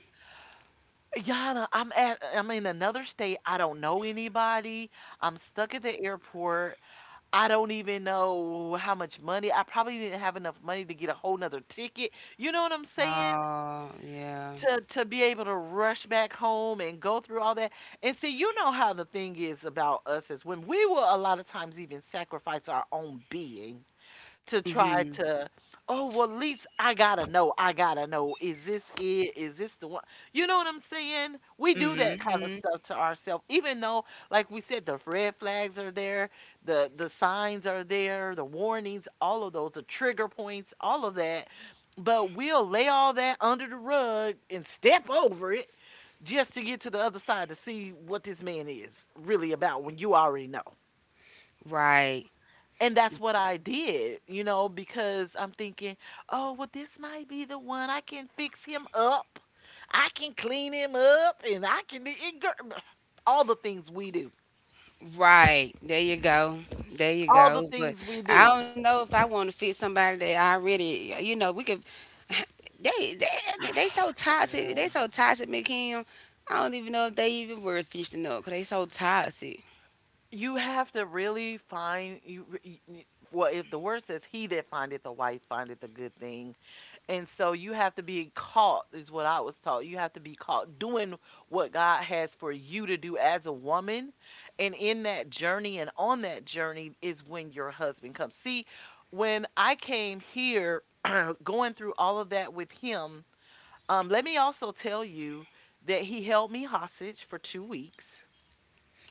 Yeah, no, I'm at I'm in another state. I don't know anybody. I'm stuck at the airport. I don't even know how much money. I probably didn't have enough money to get a whole nother ticket. You know what I'm saying?
Oh yeah.
To be able to rush back home and go through all that. And see, you know how the thing is about us as women. We will a lot of times even sacrifice our own being to
Mm
try
hmm.
to, oh well, at least I gotta know, is this it, is this the one? You know what I'm saying? We do that
Mm
kind of
hmm.
stuff to ourselves, even though like we said, the red flags are there, the signs are there, the warnings, all of those, the trigger points, all of that, but we'll lay all that under the rug and step over it just to get to the other side to see what this man is really about when you already know.
Right.
And that's what I did, you know, because I'm thinking, oh, well, this might be the one. I can fix him up. I can clean him up and I can it, all the things we do.
Right. There you go. There you
All the
go. But
things we
I
do.
don't know if I want to fit somebody that already, you know, we could they so toxic. They
Girl.
so toxic, McKim. I don't even know if they even worth fishing up because they so toxic.
You have to really find you. Well, if the word says, "He that findeth a wife findeth a good thing," and so you have to be caught, is what I was taught. You have to be caught doing what God has for you to do as a woman. And in that journey and on that journey is when your husband comes. See, when I came here, going through all of that with him, let me also tell you that he held me hostage for 2 weeks.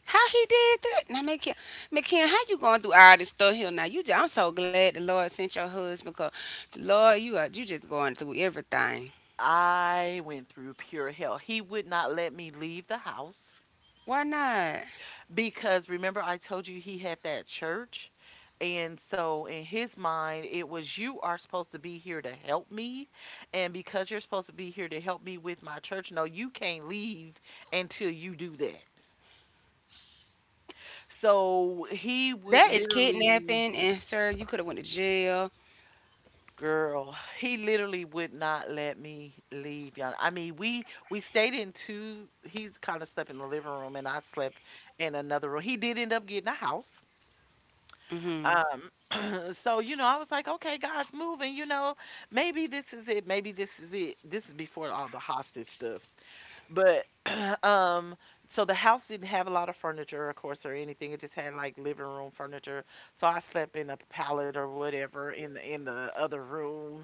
How he did that? Now, McKim, McKim, how you going through all this stuff here now? I'm so glad the Lord sent your husband because, Lord, you just going through everything.
I went through pure hell. He would not let me leave the house.
Why not?
Because remember, I told you he had that church. And so, in his mind, it was you are supposed to be here to help me. And because you're supposed to be here to help me with my church, no, you can't leave until you do that. So, he would
That is
literally,
kidnapping, and sir, you could have went to jail.
girl, he literally would not let me leave. Y'all. I mean, we stayed in two, he kind of slept in the living room, and I slept in another room. He did end up getting a house.
Mm-hmm.
Um, So, you know, I was like, okay, God's moving, you know, maybe this is it. Maybe this is it. This is before all the hostage stuff. But um so the house didn't have a lot of furniture, of course, or anything. It just had like living room furniture. So I slept in a pallet or whatever in the other room.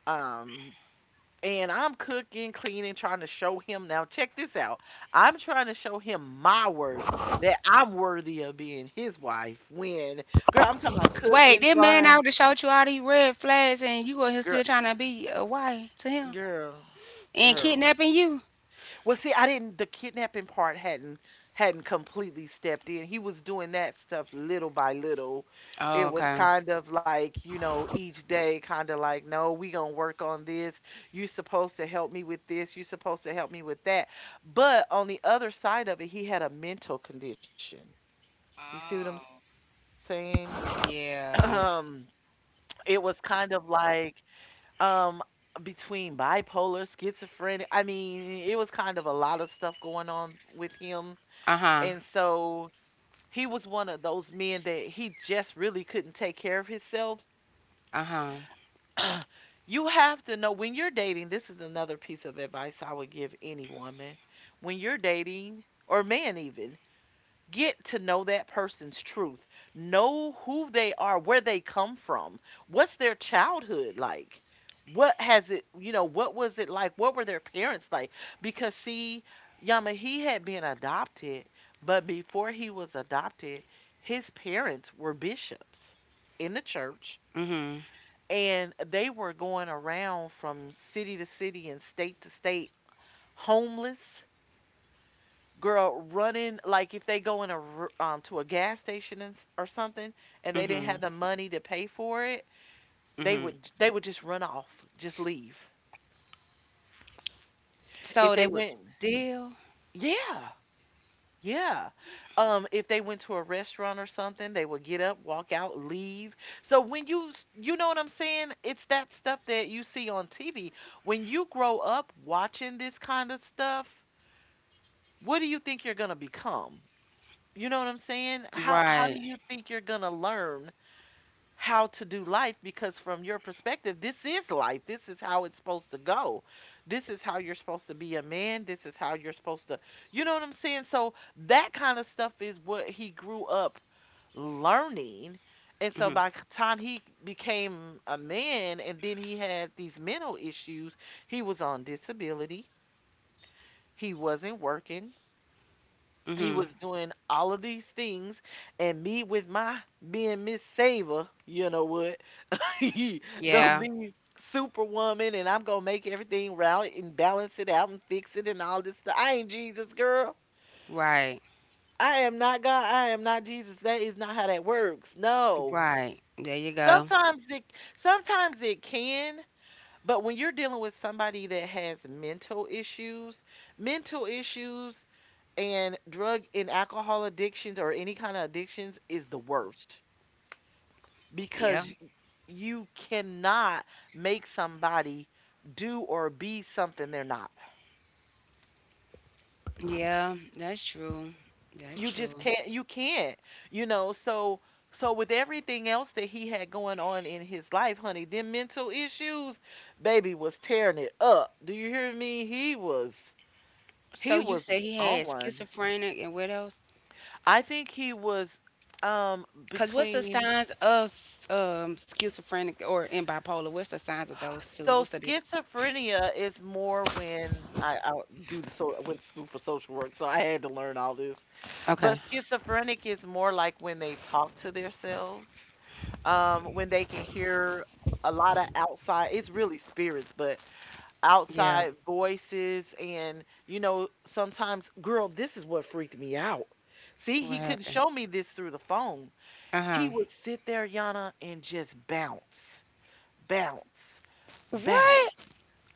Um and I'm cooking, cleaning, trying to show him now. Check this out. I'm trying to show him my worth, that I'm worthy of being his wife, when girl, I'm talking about
Wait,
cooking,
this man
frying.
out to showed you all these red flags and you were here
Girl,
still trying to be a wife to him
girl,
and
girl.
kidnapping you?
Well, see, I didn't. The kidnapping part hadn't completely stepped in. He was doing that stuff little by little. It
Oh,
was
okay.
kind of like, you know, each day, kind of like, no, we gonna work on this. You supposed to help me with this. You supposed to help me with that. But on the other side of it, he had a mental condition. You see what I'm
Oh,
saying? Um,
yeah.
it was kind of like um between bipolar, schizophrenic. I mean, it was kind of a lot of stuff going on with him,
Uh
and
huh.
so he was one of those men that he just really couldn't take care of himself.
Uh huh.
You have to know when you're dating, this is another piece of advice I would give any woman, when you're dating, or man even, get to know that person's truth. Know who they are, where they come from, what's their childhood like. What has it, you know, what was it like? What were their parents like? Because see, Yama, he had been adopted, but before he was adopted, his parents were bishops in the church
Mhm.
and they were going around from city to city and state to state, homeless, girl, running, like if they go in to a gas station and, or something, and they didn't
Mhm.
have the money to pay for it, they
Mhm.
would, they would just run off, just leave.
So
If
they
they
would
went,
still
yeah, yeah, if they went to a restaurant or something, they would get up, walk out, leave. So when you you know what I'm saying, it's that stuff that you see on TV. When you grow up watching this kind of stuff, what do you think you're going to become? You know what I'm saying? How do
right.
you think you're going to learn how to do life? Because from your perspective, this is life. This is how it's supposed to go. This is how you're supposed to be a man. This is how you're supposed to, you know what I'm saying, so that kind of stuff is what he grew up learning. And so
Mhm.
by the time he became a man and then he had these mental issues, he was on disability, he wasn't working, he
Mhm.
was doing all of these things. And me, with my being Miss Saver, you know what, go
Yeah.
be superwoman and I'm gonna make everything right and balance it out and fix it and all this stuff. I ain't Jesus, girl.
Right.
I am not God. I am not Jesus. That is not how that works. No.
Right. There you go.
Sometimes it sometimes it can, but when you're dealing with somebody that has mental issues and drug and alcohol addictions or any kind of addictions is the worst.
Yeah.
Because you cannot make somebody do or be something they're not.
Yeah. That's true. That's
You just
true.
can't. You know, so with everything else that he had going on in his life, honey, them mental issues, baby was tearing it up. Do you hear me? He was
So
he
you
was
said he had
on one.
schizophrenic and what else?
I think he was
Cause what's the
between.
signs of um schizophrenic or in bipolar? What's the signs of those two? What's
So
the difference?
schizophrenia is more when I do the so I went to school for social work, so I had to learn all this.
Okay.
But schizophrenic is more like when they talk to themselves, when they can hear a lot of outside. It's really spirits, but
Yeah.
outside voices, and you know sometimes, girl, this is what freaked me out. See,
What
he couldn't
happened?
show me this through the phone.
Uh huh.
He would sit there, Yana, and just bounce, bounce,
What?
bounce,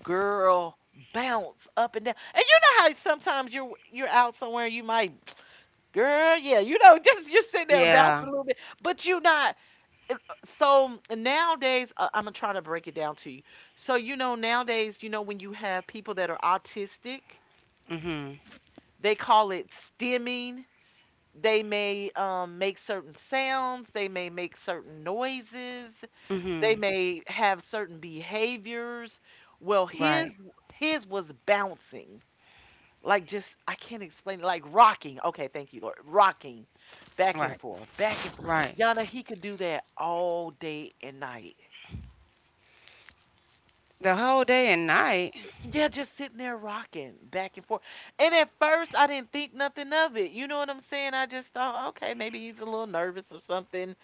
girl, bounce up and down. And you know how sometimes you're out somewhere you might, girl, yeah, just you're sitting there
Yeah.
bouncing a little bit, but you're not. So nowadays, I'm gonna try to break it down to you. So nowadays, when you have people that are autistic,
Mhm.
they call it stimming. They may make certain sounds. They may make certain noises. They
Mhm.
may have certain behaviors. Well, his
Right.
his was bouncing. Like, just I can't explain it, like, rocking. Okay, thank you, Lord. Rocking back and
Right.
forth, back and forth.
Right.
Yana, he could do that all day and night.
The whole day and night.
Yeah, just sitting there rocking back and forth. And at first, I didn't think nothing of it. You know what I'm saying? I just thought, okay, maybe he's a little nervous or something.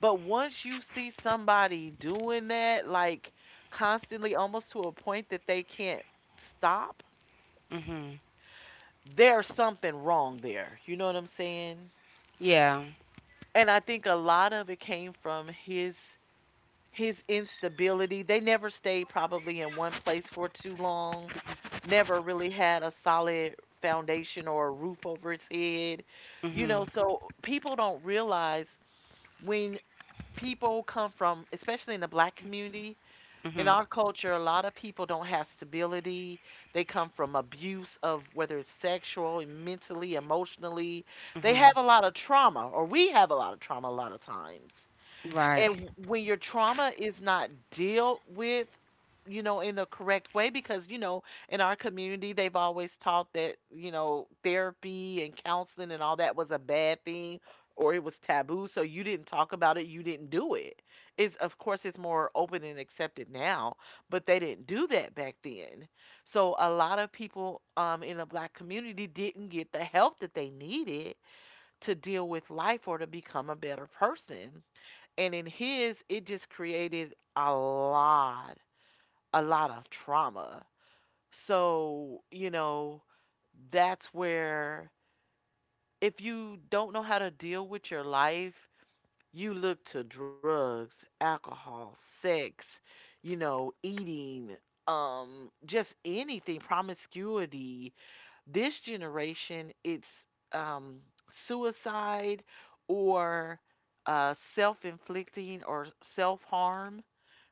But once you see somebody doing that, like constantly, almost to a point that they can't stop,
Mhm.
there's something wrong there. You know what I'm saying?
Yeah.
And I think a lot of it came from his instability. They never stayed probably in one place for too long. Never really had a solid foundation or a roof over his head. You
Mhm.
know, so people don't realize when people come from, especially in the black community, in
Mhm.
our culture, a lot of people don't have stability. They come from abuse, of whether it's sexual, mentally, emotionally. They have
Mhm.
a lot of trauma, or we have a lot of trauma a lot of times,
Right.
and when your trauma is not dealt with, in the correct way, because in our community they've always taught that therapy and counseling and all that was a bad thing, or it was taboo, so you didn't talk about it, you didn't do it. It's of course it's more open and accepted now, but they didn't do that back then. So a lot of people, in the black community, didn't get the help that they needed to deal with life or to become a better person. And in his, it just created a lot of trauma. So, you know, that's where if you don't know how to deal with your life, you look to drugs, alcohol, sex, eating, just anything, promiscuity. This generation, it's um, suicide, or self inflicting, or self harm,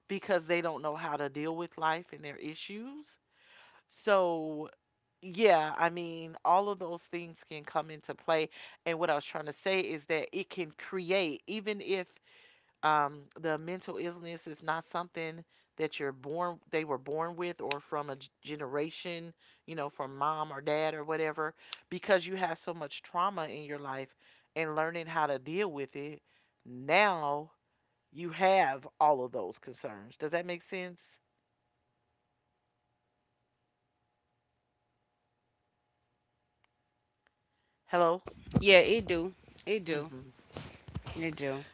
because they don't know how to deal with life and their issues. So, yeah, I mean, all of those things can come into play. And what I was trying to say is that it can create, even if the mental illness is not something that they were born with, or from a generation, you know, from mom or dad or whatever, because you have so much trauma in your life and learning how to deal with it. Now you have all of those concerns. Does that make sense? Hello?
Yeah. It do. It do.
Mhm.
It do.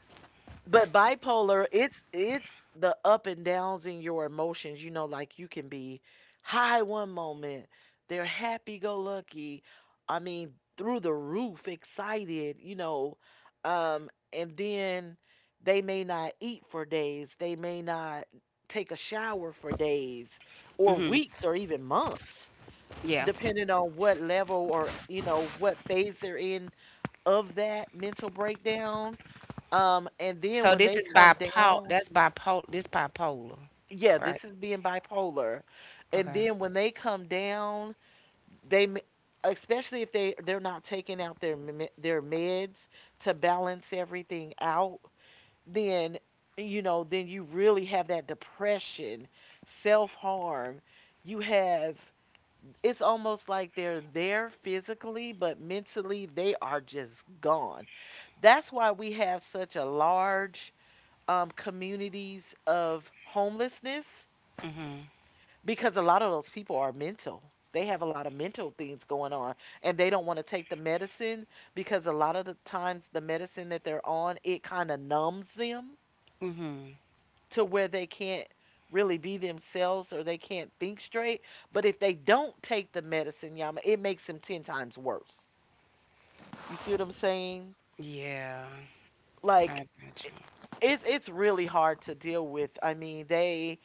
But bipolar, it's the up and downs in your emotions, you know, like you can be high one moment, they're happy go lucky, I mean, through the roof, excited, you know, and then they may not eat for days, they may not take a shower for days or
Mhm.
weeks or even months,
Yeah.
depending on what level or, you know, what phase they're in of that mental breakdown. And then
So
when
this
they
is
come
bipolar.
down,
That's bipolar. This bipolar.
yeah, this
Right.
is being bipolar. And
Okay.
then when they come down, they especially if they're not taking out their their meds to balance everything out, then, you know, then you really have that depression, self-harm. You have, it's almost like they're there physically, but mentally they are just gone. That's why we have such a large communities of homelessness,
Mhm.
because a lot of those people are mental. They have a lot of mental things going on and they don't want to take the medicine, because a lot of the times the medicine that they're on, it kind of numbs them
Mhm.
to where they can't really be themselves or they can't think straight. But if they don't take the medicine, Yama, it makes them 10 times worse. You see what I'm saying?
Yeah.
Like,
I got
i- it's really hard to deal with. I mean, they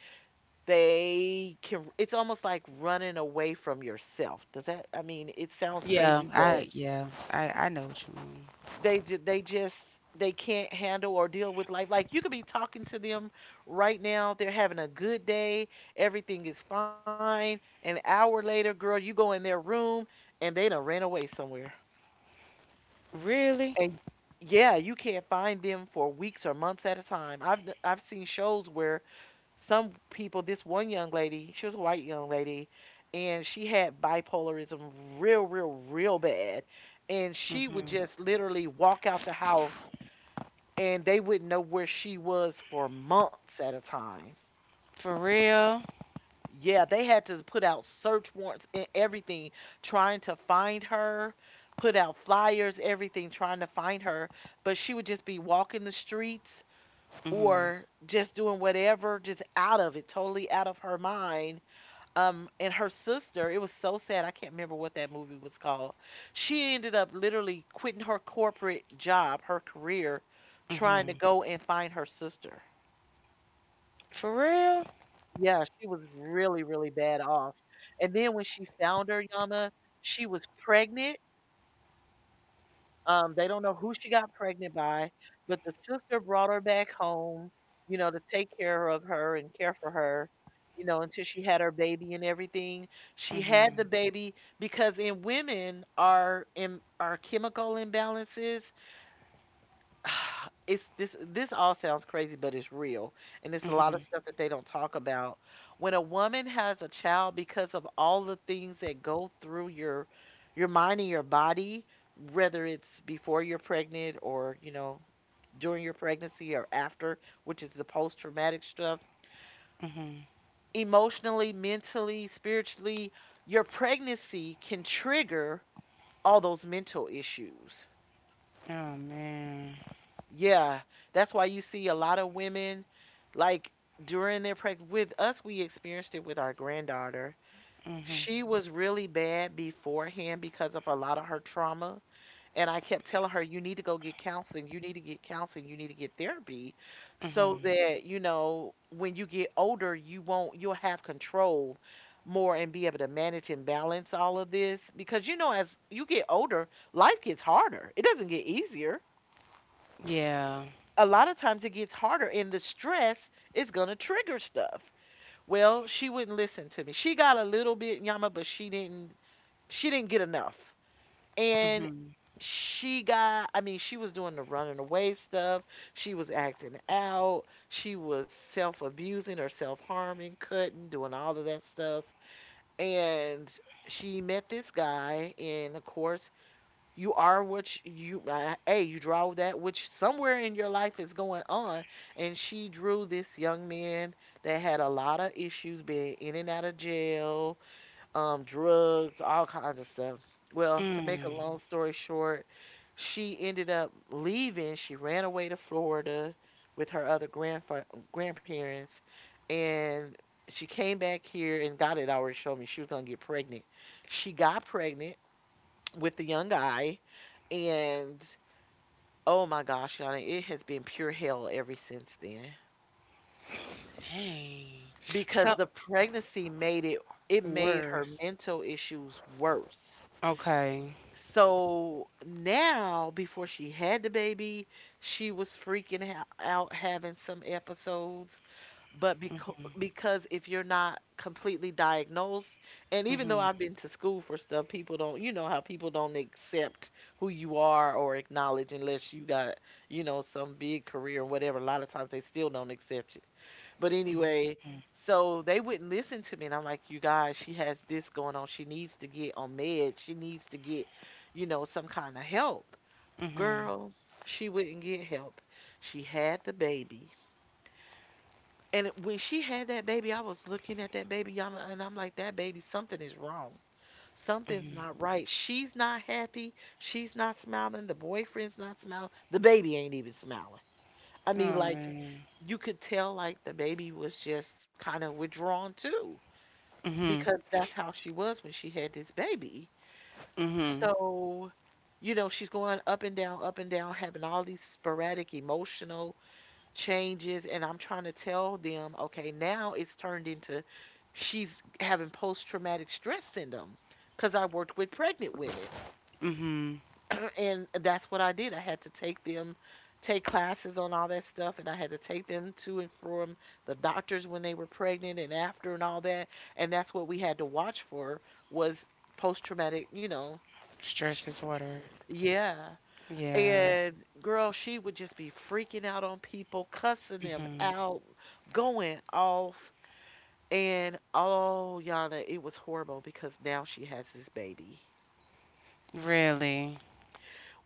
They can, it's almost like running away from yourself. Does that, I mean, it sounds
you.
crazy,
Yeah,
but
I yeah, I I know what you mean.
they just, they can't handle or deal with life. Like, you could be talking to them right now, they're having a good day, everything is fine, an hour later, girl, you go in their room, and they done ran away somewhere.
Really?
And yeah, you can't find them for weeks or months at a time. I've seen shows where some people, this one young lady, she was a white young lady, and she had bipolarism, real real real bad, and she would just literally walk out the house, and they wouldn't know where she was for months at a time.
For real?
Yeah, they had to put out search warrants and everything trying to find her, put out flyers, everything trying to find her, but she would just be walking the streets,
Mhm.
or just doing whatever, just out of it, totally out of her mind. Um, and her sister, it was so sad, I can't remember what that movie was called. She ended up literally quitting her corporate job, her career, trying to
Mhm.
go and find her sister.
For real?
Yeah, she was really really bad off. And then when she found her, Yama, she was pregnant. They don't know who she got pregnant by, but the sister brought her back home, you know, to take care of her and care for her, you know, until she had her baby and everything. She had the
Mhm.
baby because in women are in are chemical imbalances. It's this this all sounds crazy, but it's real. And it's a lot of
Mhm.
stuff that they don't talk about. When a woman has a child, because of all the things that go through your mind and your body, whether it's before you're pregnant or, you know, during your pregnancy or after, which is the post traumatic stuff,
Mhm.
emotionally, mentally, spiritually, your pregnancy can trigger all those mental issues.
Oh man.
Yeah, that's why you see a lot of women, like, during their pregnancy. With us, we experienced it with our granddaughter.
Mhm.
She was really bad beforehand because of a lot of her trauma. And I kept telling her, you need to go get counseling. You need to get counseling. You need to get therapy so
Mhm.
that, you know, when you get older, you won't, you'll have control more and be able to manage and balance all of this. Because, you know, as you get older, life gets harder, it doesn't get easier,
Yeah.
a lot of times it gets harder, and the stress is going to trigger stuff. Well, she wouldn't listen to me, she got a little bit, Yama, but she didn't, she didn't get enough. And
Mhm.
she got, I mean, she was doing the running away stuff, she was acting out, she was self-abusing or self-harming, cutting, doing all of that stuff. And she met this guy and of course, you are what you, A, you draw that which somewhere in your life is going on. And she drew this young man that had a lot of issues, been in and out of jail, drugs, all kinds of stuff. Well, to make a
Mm.
long story short, she ended up leaving. She ran away to Florida with her other grandparents. And she came back here and God had already showed me she was going to get pregnant. She got pregnant with the young guy, and oh my gosh, Yana, it has been pure hell ever since then.
Dang.
Because
So
the pregnancy made it, it made her
worth.
mental issues worse.
Okay.
So now, before she had the baby, she was freaking out having some episodes, but because if you're not completely diagnosed, and even though
Mhm.
I've been to school for stuff, people don't, you know, how people don't accept who you are or acknowledge unless you got, you know, some big career or whatever, a lot of times they still don't accept you. But anyway, so they wouldn't listen to me, and I'm like, you guys, she has this going on, she needs to get on meds, she needs to get, you know, some kind of help.
Mhm.
Girl, she wouldn't get help. She had the baby, and when she had that baby, I was looking at that baby, y'all, and I'm like, that baby, something is wrong. Something's not right. She's not happy. She's not smiling. The boyfriend's not smiling. The baby ain't even smiling. I mean,
Oh
like,
man.
you could tell, like, the baby was just kind of withdrawn too,
Mhm.
because that's how she was when she had this baby.
Mhm.
So, you know, she's going up and down, having all these sporadic emotional changes, and I'm trying to tell them, okay, now it's turned into she's having post traumatic stress syndrome, cuz I worked with pregnant women.
Mhm.
And that's what I did. I had to take classes on all that stuff, and I had to take them to and from the doctors when they were pregnant and after and all that. And that's what we had to watch for was post traumatic, you know,
Stress
str-
is water.
yeah.
Yeah.
And girl, she would just be freaking out on people, cussing them out, going off. And oh, Yana, it was horrible because now she has this baby.
Really.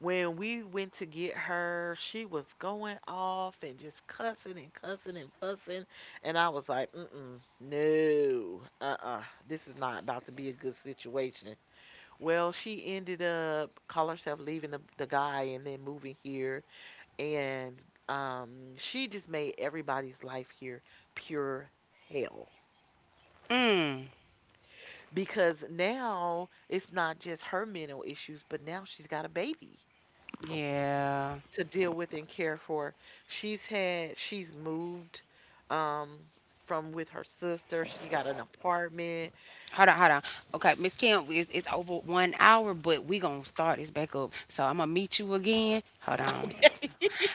When we went to get her, she was going off and just cussing and cussing and fussing. And I was like, mm-mm, no, uh-uh, this is not about to be a good situation. Well, she ended up call herself leaving the guy and then moving here, and she just made everybody's life here pure hell,
Mm.
because now it's not just her mental issues, but now she's got a baby
Yeah.
to deal with and care for. She's moved, um, from with her sister. She got an apartment.
Hold on, hold on. Okay, Miss Kim, it's over 1 hour, but we gonna start this back up. So I'm gonna meet you again. Hold on.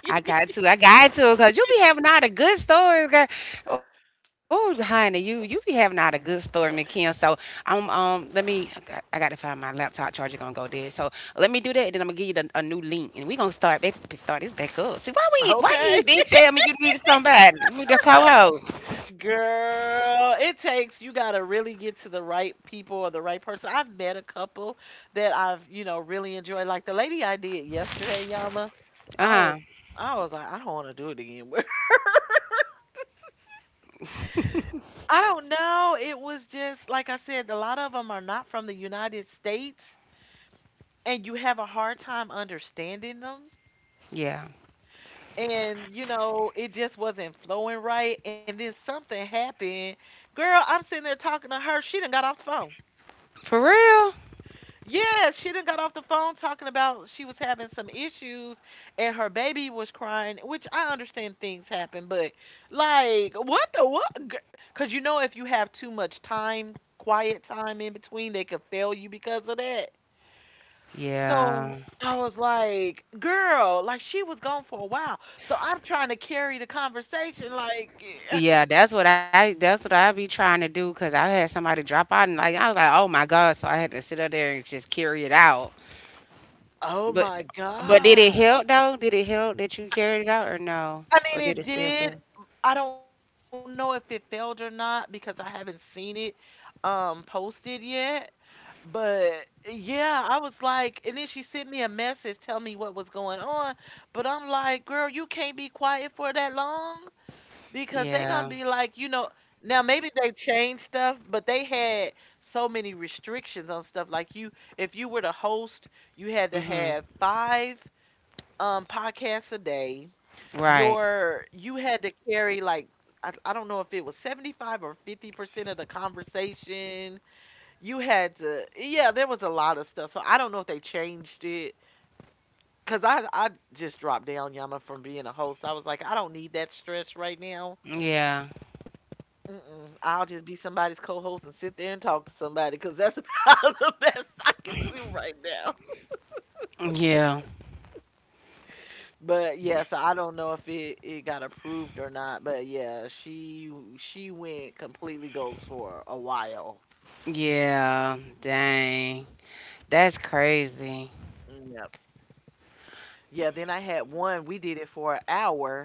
Cause you be having all the good stories, girl. Oh, honey, you be having all the good stories, Miss Kim. So I got to find my laptop charger gonna go dead. So let me do that, and then I'm gonna give you a new link, and we gonna start this back up. See why you ain't
Okay,
been tell me you needed somebody, you the co-host.
girl, it takes, you gotta really get to the right people or the right person. I've met a couple that I've, you know, really enjoyed. Like the lady I did yesterday, Yama, I was
Uh huh.
I was like, I don't wanna do it again. I don't know. It was just like I said, a lot of them are not from the United States, and you have a hard time understanding them.
Yeah.
And you know, it just wasn't flowing right. And then something happened. Girl, I'm sitting there talking to her, she done got off the phone.
For real.
Yes, she done got off the phone, talking about she was having some issues and her baby was crying, which I understand, things happen, but like, what the what? Because you know, if you have too much time, quiet time in between, they could fail you because of that. So
Yeah.
I was like, girl, like she was gone for a while. So I'm trying to carry the conversation, like,
Yeah, that's what I be trying to do because I had somebody drop out and like I was like, oh my god, so I had to sit up there and just carry it out.
oh
But
my
but did
God.
it help though? Did it help that you carried it out or no?
I
Or
mean,
did
it
it still
did.
feel?
I don't know if it failed or not, because I haven't seen it posted yet. But yeah, I was like, and then she sent me a message telling me what was going on. But I'm like, girl, you can't be quiet for that long, because they gonna
Yeah.
be like, you know, now maybe they changed stuff, but they had so many restrictions on stuff. Like you, if you were to host, you had to
Mm-hmm.
have five podcasts a day.
Right.
You had to carry, like, I don't know if it was 75 or 50% of the conversation. You had to, yeah, there was a lot of stuff. So I don't know if they changed it, cuz I just dropped down, Yama, from being a host. I was like, I don't need that stress right now.
Yeah.
Mm-mm. I'll just be somebody's co-host and sit there and talk to somebody, cuz that's about the best I can do right now.
Yeah.
But
Yeah.
yeah, so I don't know if it got approved or not. But yeah, she went completely ghost for a while.
Yeah. Dang. That's crazy.
Yep. Yeah. Then I had one. We did it for an hour,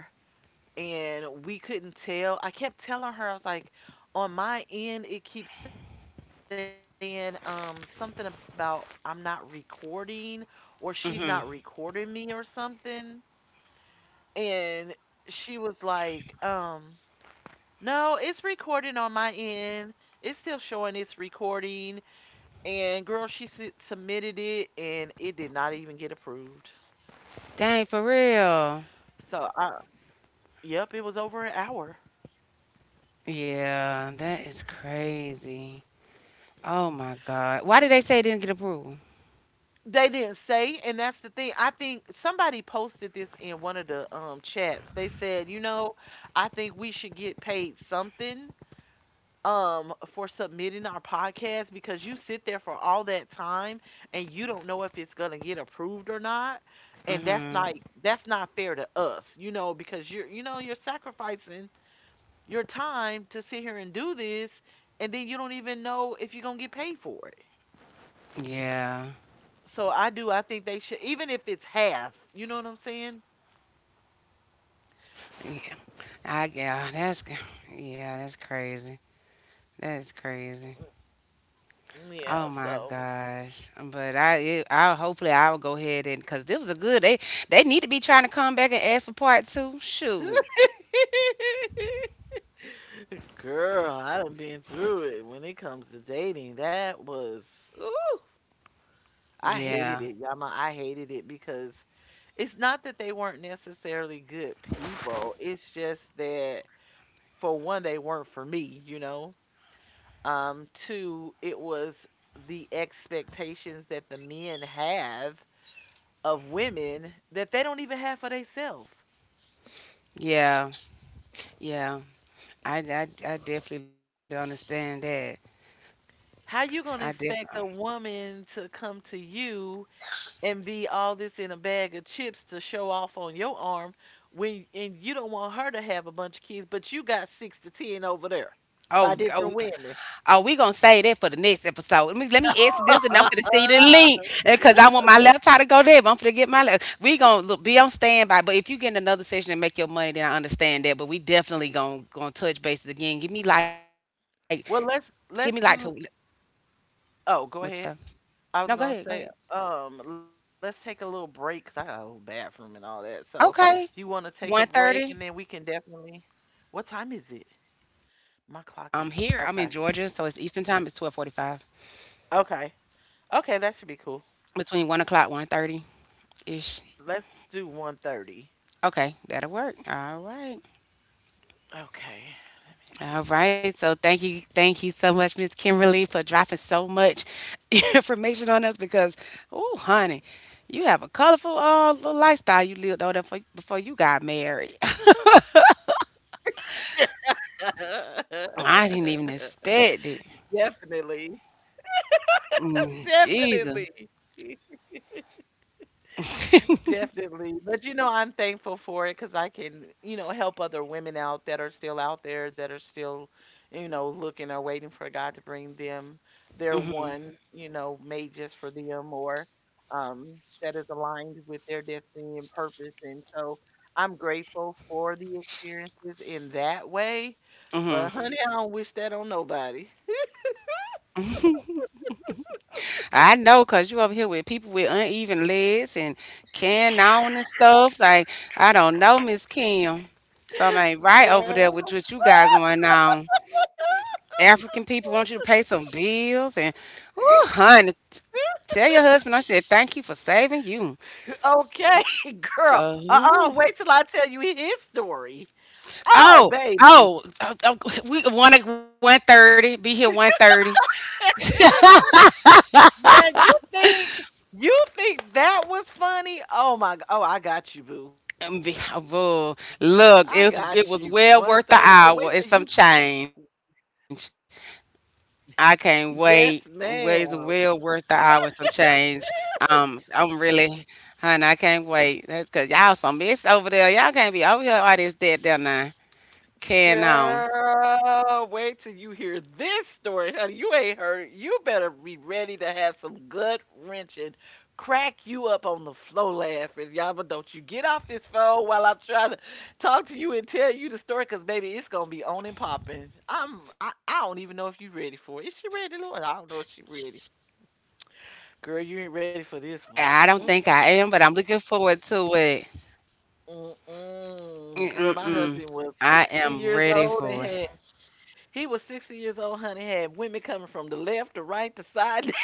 and we couldn't tell. I kept telling her, I was like, on my end, it keeps saying, something about I'm not recording, or she's not recording me or something, and she was like, um, no, it's recording on my end. It's still showing it's recording. And girl, she su- submitted it, and it did not even get approved.
Dang, for
So,
real.
I, yep, it was over an hour.
Yeah, that is crazy. Oh my God. Why did they say it didn't get approved?
They didn't say, and that's the thing. I think somebody posted this in one of the chats. They said, you know, I think we should get paid something for submitting our podcast, because you sit there for all that time and you don't know if it's going to get approved or not, and that's
Mm-hmm.
not, that's not fair to us, you know, because you're, you know, you're sacrificing your time to sit here and do this, and then you don't even know if you're going to get paid for it.
Yeah.
So I do, I think they should, even if it's half, you know what I'm saying?
Yeah. I yeah, that's c- yeah, that's crazy. That is crazy.
Yeah,
Oh my
so
gosh. I hopefully I'll go ahead and cuz this was a good they need to be trying to come back and ask for part 2. Shoot.
girl, I done been through it. When it comes to dating, that was ooh, I
Yeah.
hated it, Yama. I hated it because it's not that they weren't necessarily good people. It's just that, for one, they weren't for me, you know. Two, it was the expectations that the men have of women that they don't even have for themselves.
Yeah. Yeah. I definitely don't understand that.
How
I
you gonna
definitely.
expect a woman to come to you and be all this in a bag of chips to show off on your arm, when, and you don't want her to have a bunch of kids, but you got six to ten over there
Oh,
by
oh.
different women.
Oh, we gonna save that for the next episode. Let me ask this, and I'm gonna send you the link because I want my left eye to go there. But I'm gonna get my left. We gonna look, be on standby. But if you get in another session and make your money, then I understand that. But we definitely gonna touch bases again. Give me
Well,
like to what
let's do.
you say?
Oh, go ahead.
No,
I
go
was
ahead.
gonna say, let's take a little break, 'cause I got a little bathroom and all that. So if you want
Okay,
to take a
one
break, and then we
thirty.
can definitely. What time is it?
I'm
My
here. I'm
clock
in
is
Georgia, so it's
okay.
Eastern time. It's 12:45
Okay. Okay, that should be cool.
between 1 o'clock, 1:30 ish.
Let's do 1:30.
Okay, that'll work. All right.
Okay, let me see.
All right. So thank you so much, Miss Kimberly, for dropping so much information on us because, oh, honey, you have a colorful little lifestyle you lived over there before you got married. I didn't even expect it.
Definitely.
Mm, Jesus.
Definitely. Definitely. But you know, I'm thankful for it, because I can, you know, help other women out that are still out there, that are still, you know, looking or waiting for God to bring them their one, you know, made just for them, or um, that is aligned with their destiny and purpose. And so I'm grateful for the experiences in that way. But honey, I don't wish that on nobody.
I know, cause you over here with people with uneven legs and can on and stuff. Like I don't know, Miss Kim. Something ain't right over there
Girl.
with what you got going on. African people want you to pay some bills and, oh, honey. Tell your husband I said thank you for saving you.
Okay, girl.
'Cause
Uh,
ooh.
wait till I tell you his story. Oh,
oh,
baby.
oh, we one at 1:30. Be here 1:30.
Now you think, you think that was funny? Oh my g, oh, I got you, boo. I got you.
Oh,
1:30. Oh,
look,
wait till you.
it was well worth the hour and some change. I can't
Yes,
wait. Well, it's
ma'am.
well worth the hour and some change. I'm really. Honey, I can't wait. That's cause y'all some miss over there. Y'all can't be over here all this that there now. Can on.
Girl, wait till you hear this story, honey. You ain't heard. You better be ready to have some gut wrenching, crack you up on the floor laughing. Yama, don't you get off this phone while I'm trying to talk to you and tell you the story, because baby, it's gonna be on and popping. I don't even know if you ready for it. Is she ready, Lord? I don't know if she ready.
I don't think
Girl, you
I
ain't
am,
ready
but
for
I'm
this
looking
one.
forward to it. Mm-mm.
Mm-mm-mm. Girl, my
I
husband
am
was
ready
60
for it.
years old and had He was 60 years old, honey, had women coming from the left, the right, the side, everywhere.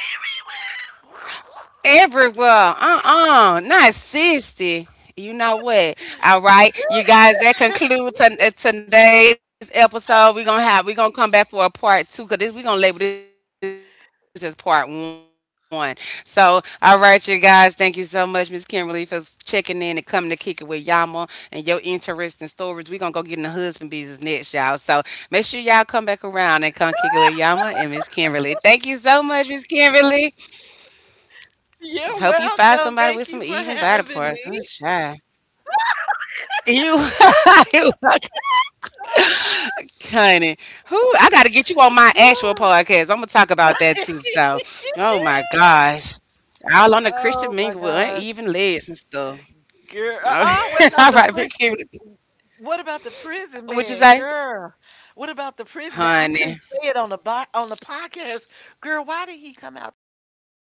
Everywhere. Uh-uh. Not 60. You know what? All right. You guys, that concludes today's episode. We're gonna come back for a part two because we're gonna label this as part one. So, all right, you guys, thank you so much, Miss Kimberly, for checking in and coming to kick it with Yama and your interesting stories. We're gonna go get in the husband business next, y'all. So make sure y'all come back around and come kick it with Yama and Miss Kimberly. Thank you so much, Miss Kimberly. Hope you
You're
find somebody
welcome.
with some
Thank you
even
for
body parts.
having
I'm
me.
shy. You, you, honey. Who? I gotta get you on my actual podcast. I'm gonna talk about that too.
Yeah.
So, oh my gosh, all on the Christian mingle with
Oh my
uneven legs and
gosh.
stuff.
Girl,
All
uh-uh,
right, big Kim,
what about the
what you
prison
say,
man, girl? What about the prison man? I
honey?
couldn't say it on the on the podcast. Girl, why did he come out talking about